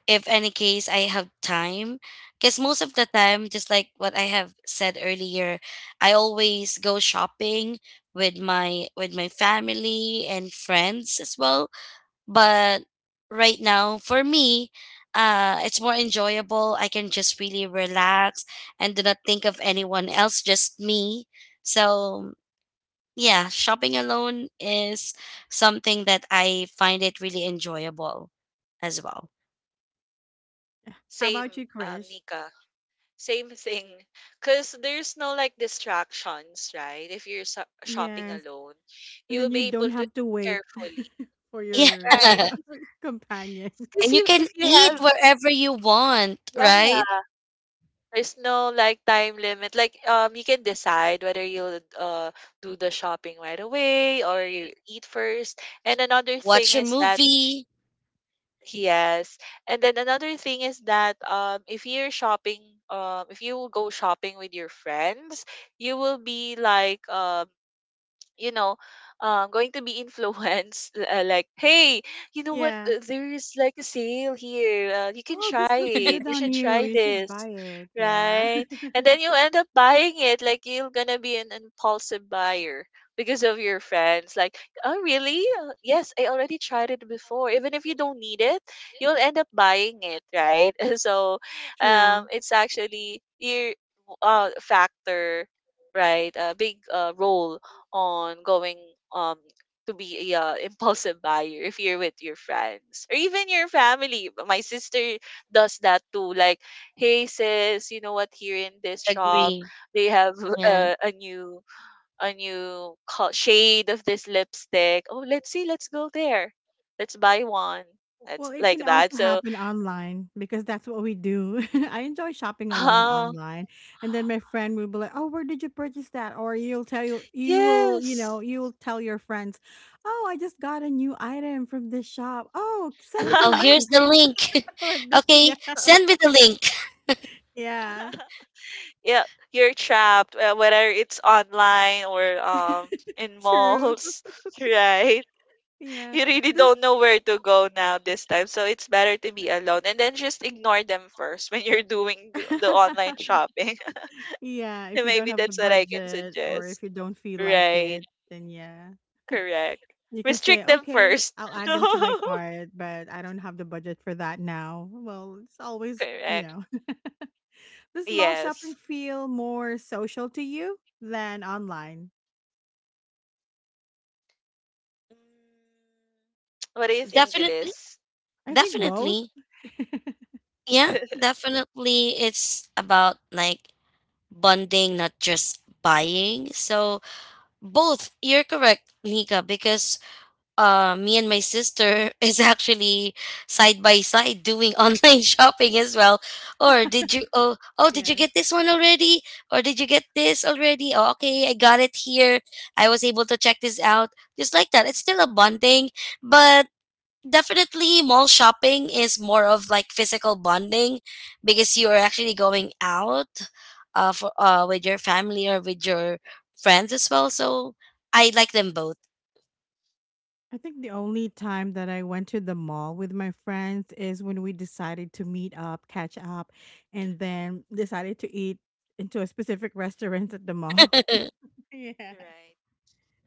[SPEAKER 2] if any case I have time. Because most of the time, just like what I have said earlier, I always go shopping with my family and friends as well. But right now, for me, it's more enjoyable. I can just really relax and do not think of anyone else, just me. So, yeah, shopping alone is something that I find it really enjoyable as well.
[SPEAKER 1] How
[SPEAKER 3] Same,
[SPEAKER 1] about you, Krish?
[SPEAKER 3] Nika. Same thing. Cause there's no like distractions, right? If you're shopping
[SPEAKER 1] Yes.
[SPEAKER 3] alone,
[SPEAKER 1] And
[SPEAKER 3] you
[SPEAKER 1] then
[SPEAKER 3] will
[SPEAKER 1] you
[SPEAKER 3] be
[SPEAKER 1] don't
[SPEAKER 3] able to
[SPEAKER 1] have to wait
[SPEAKER 3] carefully,
[SPEAKER 1] for
[SPEAKER 2] Yeah.
[SPEAKER 1] your
[SPEAKER 3] right?
[SPEAKER 1] co- companion.
[SPEAKER 3] Because
[SPEAKER 2] and you
[SPEAKER 3] if
[SPEAKER 2] can
[SPEAKER 3] if you
[SPEAKER 2] eat
[SPEAKER 3] have
[SPEAKER 2] wherever you want,
[SPEAKER 3] yeah,
[SPEAKER 2] right?
[SPEAKER 3] there's no like time limit. Like you can decide whether you'll do the shopping right away or you eat first. And another thing
[SPEAKER 2] Watch a
[SPEAKER 3] is that
[SPEAKER 2] movie.
[SPEAKER 3] yes. And then another thing is that if you're shopping if you will go shopping with your friends, you will be like you know, going to be influenced, like, hey, you know what?
[SPEAKER 1] Yeah.
[SPEAKER 3] uh, There's like a sale here. You can
[SPEAKER 1] Oh, this
[SPEAKER 3] try
[SPEAKER 1] looks
[SPEAKER 3] it.
[SPEAKER 1] good
[SPEAKER 3] You
[SPEAKER 1] on
[SPEAKER 3] should
[SPEAKER 1] you.
[SPEAKER 3] try
[SPEAKER 1] You should
[SPEAKER 3] this,
[SPEAKER 1] buy it. Yeah,
[SPEAKER 3] right? And then you end up buying it. Like you're gonna be an impulsive buyer because of your friends. Like, oh really? Yes, I already tried it before. Even if you don't need it, you'll end up buying it, right? So,
[SPEAKER 1] true.
[SPEAKER 3] it's actually your factor, right? A big role on going um to be a impulsive buyer if you're with your friends or even your family. My sister does that too. Like, hey sis, you know what? Here in this shop,
[SPEAKER 2] Agree.
[SPEAKER 3] they have
[SPEAKER 2] Yeah.
[SPEAKER 3] a new a new shade of this lipstick. Oh, let's see. Let's go there. Let's buy one. It's
[SPEAKER 1] Well, it can
[SPEAKER 3] like that.
[SPEAKER 1] also
[SPEAKER 3] So,
[SPEAKER 1] happen online because that's what we do. I enjoy shopping alone
[SPEAKER 3] uh,
[SPEAKER 1] online. And then my friend will be like, "Oh, where did you purchase that?" Or you'll tell you, you
[SPEAKER 3] yes.
[SPEAKER 1] know, you will tell your friends, "Oh, I just got a new item from this shop. Oh, send me the
[SPEAKER 2] Oh, here's
[SPEAKER 1] link."
[SPEAKER 2] the link.
[SPEAKER 1] Like that.
[SPEAKER 2] okay,
[SPEAKER 1] Yeah.
[SPEAKER 2] send me the link.
[SPEAKER 1] Yeah.
[SPEAKER 3] Yeah, you're trapped, whether it's online or in
[SPEAKER 1] True.
[SPEAKER 3] malls right.
[SPEAKER 1] Yeah.
[SPEAKER 3] You really
[SPEAKER 1] This.
[SPEAKER 3] don't know where to go now this time, so it's better to be alone and then just ignore them first when you're doing the online shopping.
[SPEAKER 1] Yeah, if you don't
[SPEAKER 3] Maybe
[SPEAKER 1] have the
[SPEAKER 3] that's what I can
[SPEAKER 1] budget or if
[SPEAKER 3] suggest,
[SPEAKER 1] you don't feel like
[SPEAKER 3] right?
[SPEAKER 1] it, then yeah.
[SPEAKER 3] Correct.
[SPEAKER 1] You can say,
[SPEAKER 3] Restrict them
[SPEAKER 1] "Okay,
[SPEAKER 3] first.
[SPEAKER 1] I'll add them to my cart, but I don't have the budget for that now." Well, it's always, you
[SPEAKER 3] Correct.
[SPEAKER 1] know, does small shopping
[SPEAKER 3] Yes.
[SPEAKER 1] feel more social to you than online?
[SPEAKER 3] Mm, what do you think,
[SPEAKER 2] Definitely.
[SPEAKER 3] Liz?
[SPEAKER 1] I think both.
[SPEAKER 2] Definitely. Yeah, definitely. It's about like bonding, not just buying. So both, you're correct, Nika, because me and my sister is actually side by side doing online shopping as well. Or did you oh oh did you
[SPEAKER 1] Yes.
[SPEAKER 2] get this one already? Or did you get this already? Oh, okay, I got it here. I was able to check this out. Just like that. It's still a bonding, but definitely mall shopping is more of like physical bonding because you are actually going out, for with your family or with your friends as well. So I like them both.
[SPEAKER 1] I think the only time that I went to the mall with my friends is when we decided to meet up, catch up, and then decided to eat into a specific restaurant at the mall. Yeah.
[SPEAKER 3] Right.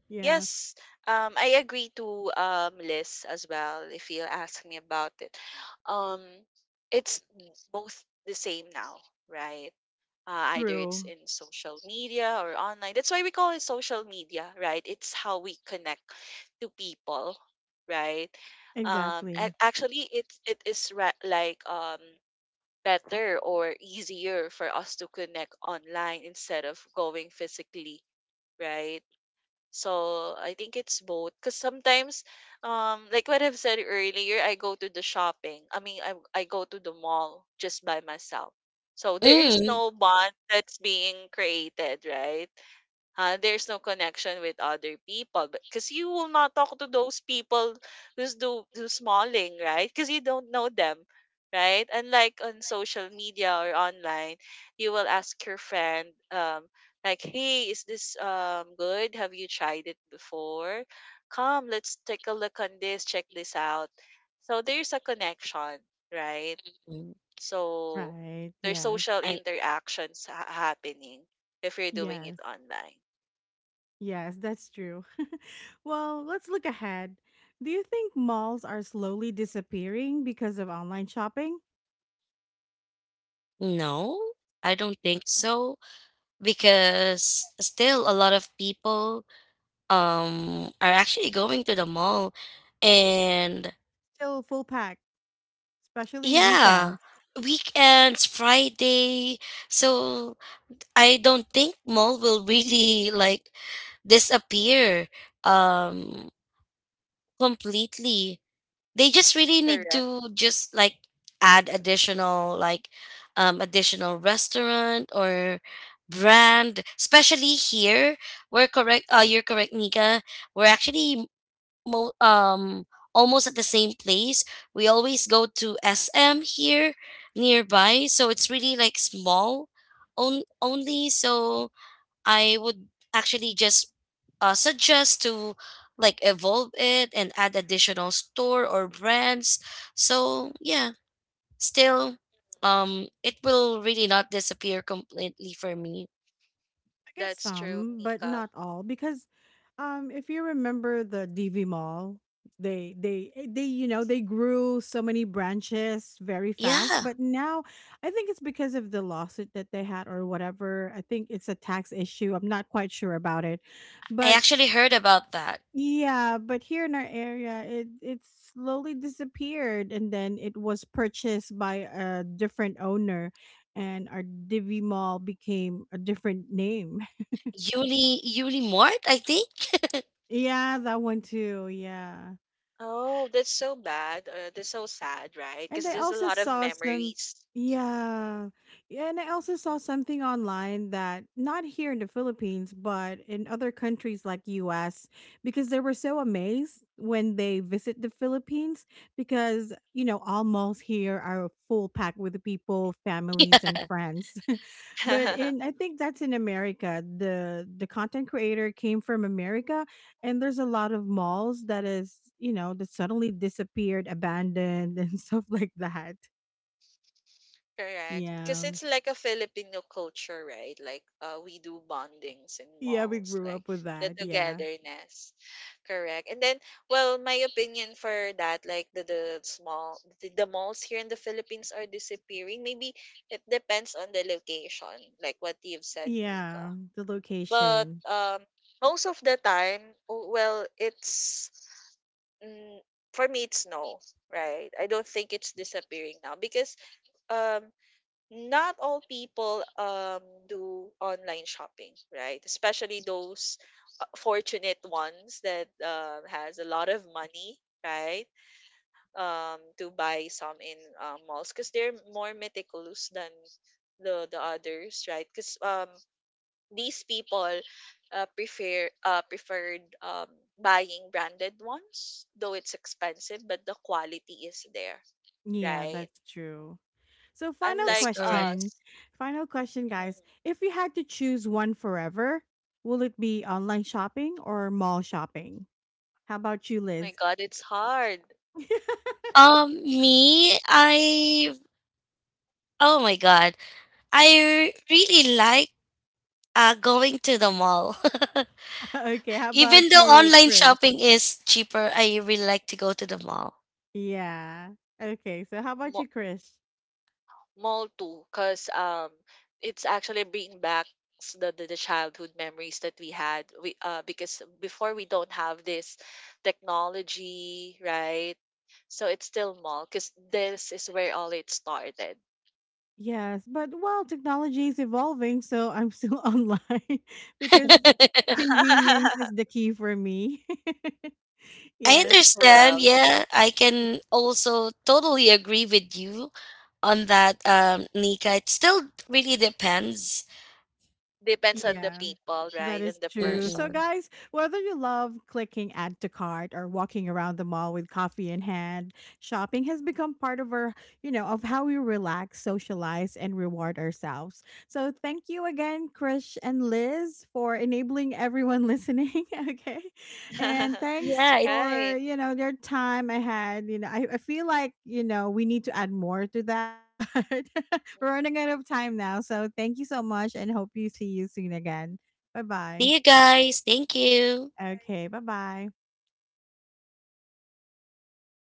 [SPEAKER 1] Yeah.
[SPEAKER 3] Yes, I agree to Liz as well. If you ask me about it, um, it's both the same now, right? Either it's
[SPEAKER 1] True.
[SPEAKER 3] in social media or online. That's why we call it social media, right? It's how we connect to people, right?
[SPEAKER 1] Exactly.
[SPEAKER 3] Actually, it is better or easier for us to connect online instead of going physically, right? So I think it's both. Because sometimes, like what I've said earlier, I go to the shopping. I mean, I go to the mall just by myself. So there is
[SPEAKER 2] mm.
[SPEAKER 3] no bond that's being created, right? There's no connection with other people because you will not talk to those people who's smalling, right? Because you don't know them, right? Unlike on social media or online, you will ask your friend, like, "Hey, is this good? Have you tried it before? Come, let's take a look on this. Check this out." So there's a connection, right?
[SPEAKER 2] Mm,
[SPEAKER 3] So
[SPEAKER 1] Right.
[SPEAKER 3] there's
[SPEAKER 1] Yes.
[SPEAKER 3] social
[SPEAKER 2] I
[SPEAKER 3] interactions happening if you're doing it
[SPEAKER 1] Yes.
[SPEAKER 3] online.
[SPEAKER 1] Yes, that's true. Well, let's look ahead. Do you think malls are slowly disappearing because of online shopping?
[SPEAKER 2] no, I don't think so because still a lot of people are actually going to the mall and
[SPEAKER 1] Still full pack, especially
[SPEAKER 2] yeah,
[SPEAKER 1] weekends.
[SPEAKER 2] weekends, Friday. So I don't think mall will really like disappear um completely. They just really need
[SPEAKER 3] Correct.
[SPEAKER 2] to just like add additional like additional restaurant or brand, especially here. We're correct You're correct, Nika. We're actually mo- um almost at the same place. We always go to SM here nearby, so it's really like small only. So I would actually just suggest to like evolve it and add additional store or brands. So yeah, still, it will really not disappear completely for me.
[SPEAKER 1] I guess
[SPEAKER 3] That's true,
[SPEAKER 1] some, but
[SPEAKER 3] Mika.
[SPEAKER 1] not all, because if you remember the DV Mall, they you know they grew so many branches very fast,
[SPEAKER 2] Yeah,
[SPEAKER 1] but now I think it's because of the lawsuit that they had or whatever. I think it's a tax issue. I'm not quite sure about it,
[SPEAKER 2] I
[SPEAKER 1] but
[SPEAKER 2] actually heard about that.
[SPEAKER 1] yeah, but here in our area, it slowly disappeared, and then it was purchased by a different owner, and our Divi Mall became a different name.
[SPEAKER 2] Yuli Yuli Mart, I think.
[SPEAKER 1] Yeah, that one too. Yeah.
[SPEAKER 3] Oh, that's so bad. That's so sad, right?
[SPEAKER 1] And
[SPEAKER 3] Because
[SPEAKER 1] I
[SPEAKER 3] there's a
[SPEAKER 1] also
[SPEAKER 3] lot of
[SPEAKER 1] saw some
[SPEAKER 3] memories.
[SPEAKER 1] yeah. Yeah. And I also saw something online that, not here in the Philippines, but in other countries like US, because they were so amazed when they visit the Philippines because, you know, all malls here are full packed with people, families and friends. But in, I think that's in America. The content creator came from America and there's a lot of malls that is, you know, that suddenly disappeared, abandoned and stuff like that.
[SPEAKER 3] Correct. Because
[SPEAKER 1] Yeah.
[SPEAKER 3] it's like a Filipino culture, right? Like we do bondings in
[SPEAKER 1] Yeah, we
[SPEAKER 3] malls,
[SPEAKER 1] grew
[SPEAKER 3] like
[SPEAKER 1] up with
[SPEAKER 3] the
[SPEAKER 1] that. Yeah.
[SPEAKER 3] togetherness. Correct. And then, well, my opinion for that, like the malls here in the Philippines are disappearing. Maybe it depends on the location, like what you've said, Nika.
[SPEAKER 1] Yeah, the
[SPEAKER 3] But,
[SPEAKER 1] location.
[SPEAKER 3] most of the time, w well, it's mm, for me, it's no, right? I don't think it's disappearing now because um, not all people do online shopping, right? Especially those fortunate ones that has a lot of money, right? To buy some in malls because they're more meticulous than the others, right? Because these people preferred buying branded ones, though it's expensive, but the quality is there,
[SPEAKER 1] Yeah,
[SPEAKER 3] right?
[SPEAKER 1] that's true. So, final
[SPEAKER 2] That is
[SPEAKER 3] Unlike
[SPEAKER 2] correct.
[SPEAKER 1] question.
[SPEAKER 3] us,
[SPEAKER 1] Final question,
[SPEAKER 3] mhm.
[SPEAKER 1] guys: if you had to choose one forever, will it be online shopping or mall shopping? How about you,
[SPEAKER 3] My
[SPEAKER 1] Liz?
[SPEAKER 3] God, it's hard.
[SPEAKER 2] Me, I oh my god, I really like going to the mall.
[SPEAKER 1] Okay, how
[SPEAKER 2] Even
[SPEAKER 1] about
[SPEAKER 2] though
[SPEAKER 1] you,
[SPEAKER 2] online
[SPEAKER 1] Chris?
[SPEAKER 2] shopping is cheaper, I really like to go to the mall.
[SPEAKER 1] Yeah. Okay, so how about you,
[SPEAKER 3] Mo-
[SPEAKER 1] Chris?
[SPEAKER 3] Mall too, cause it's actually bringing back the the childhood memories that we had. We Because before we don't have this technology, right? So it's still mall, cause this is where all it started.
[SPEAKER 1] Yes, but well, technology is evolving, so I'm still online because convenience is the key for me.
[SPEAKER 2] I
[SPEAKER 1] Yes.
[SPEAKER 2] understand.
[SPEAKER 3] Well, it
[SPEAKER 2] Yeah, I can also totally agree with you on that, Nika. It still really depends.
[SPEAKER 3] depends on the
[SPEAKER 1] Yeah.
[SPEAKER 3] people,
[SPEAKER 1] That
[SPEAKER 3] right? And
[SPEAKER 1] is
[SPEAKER 3] the
[SPEAKER 1] true.
[SPEAKER 3] person.
[SPEAKER 1] So,
[SPEAKER 2] Mm-mm.
[SPEAKER 1] guys, whether you love clicking add to cart or walking around the mall with coffee in hand, shopping has become part of our, you know, of how we relax, socialize, and reward ourselves. So, thank you again, Krish and Liz, for enabling everyone listening. Okay. And thanks
[SPEAKER 2] Yeah. It,
[SPEAKER 3] Right.
[SPEAKER 1] for, you know, their time I had. You know, I feel like, you know, we need to add more to that, but we're running out of time now. So, thank you so much and hope you see you soon again. Bye-bye.
[SPEAKER 2] see you
[SPEAKER 3] All right.
[SPEAKER 2] guys. Thank you.
[SPEAKER 1] Okay, bye-bye.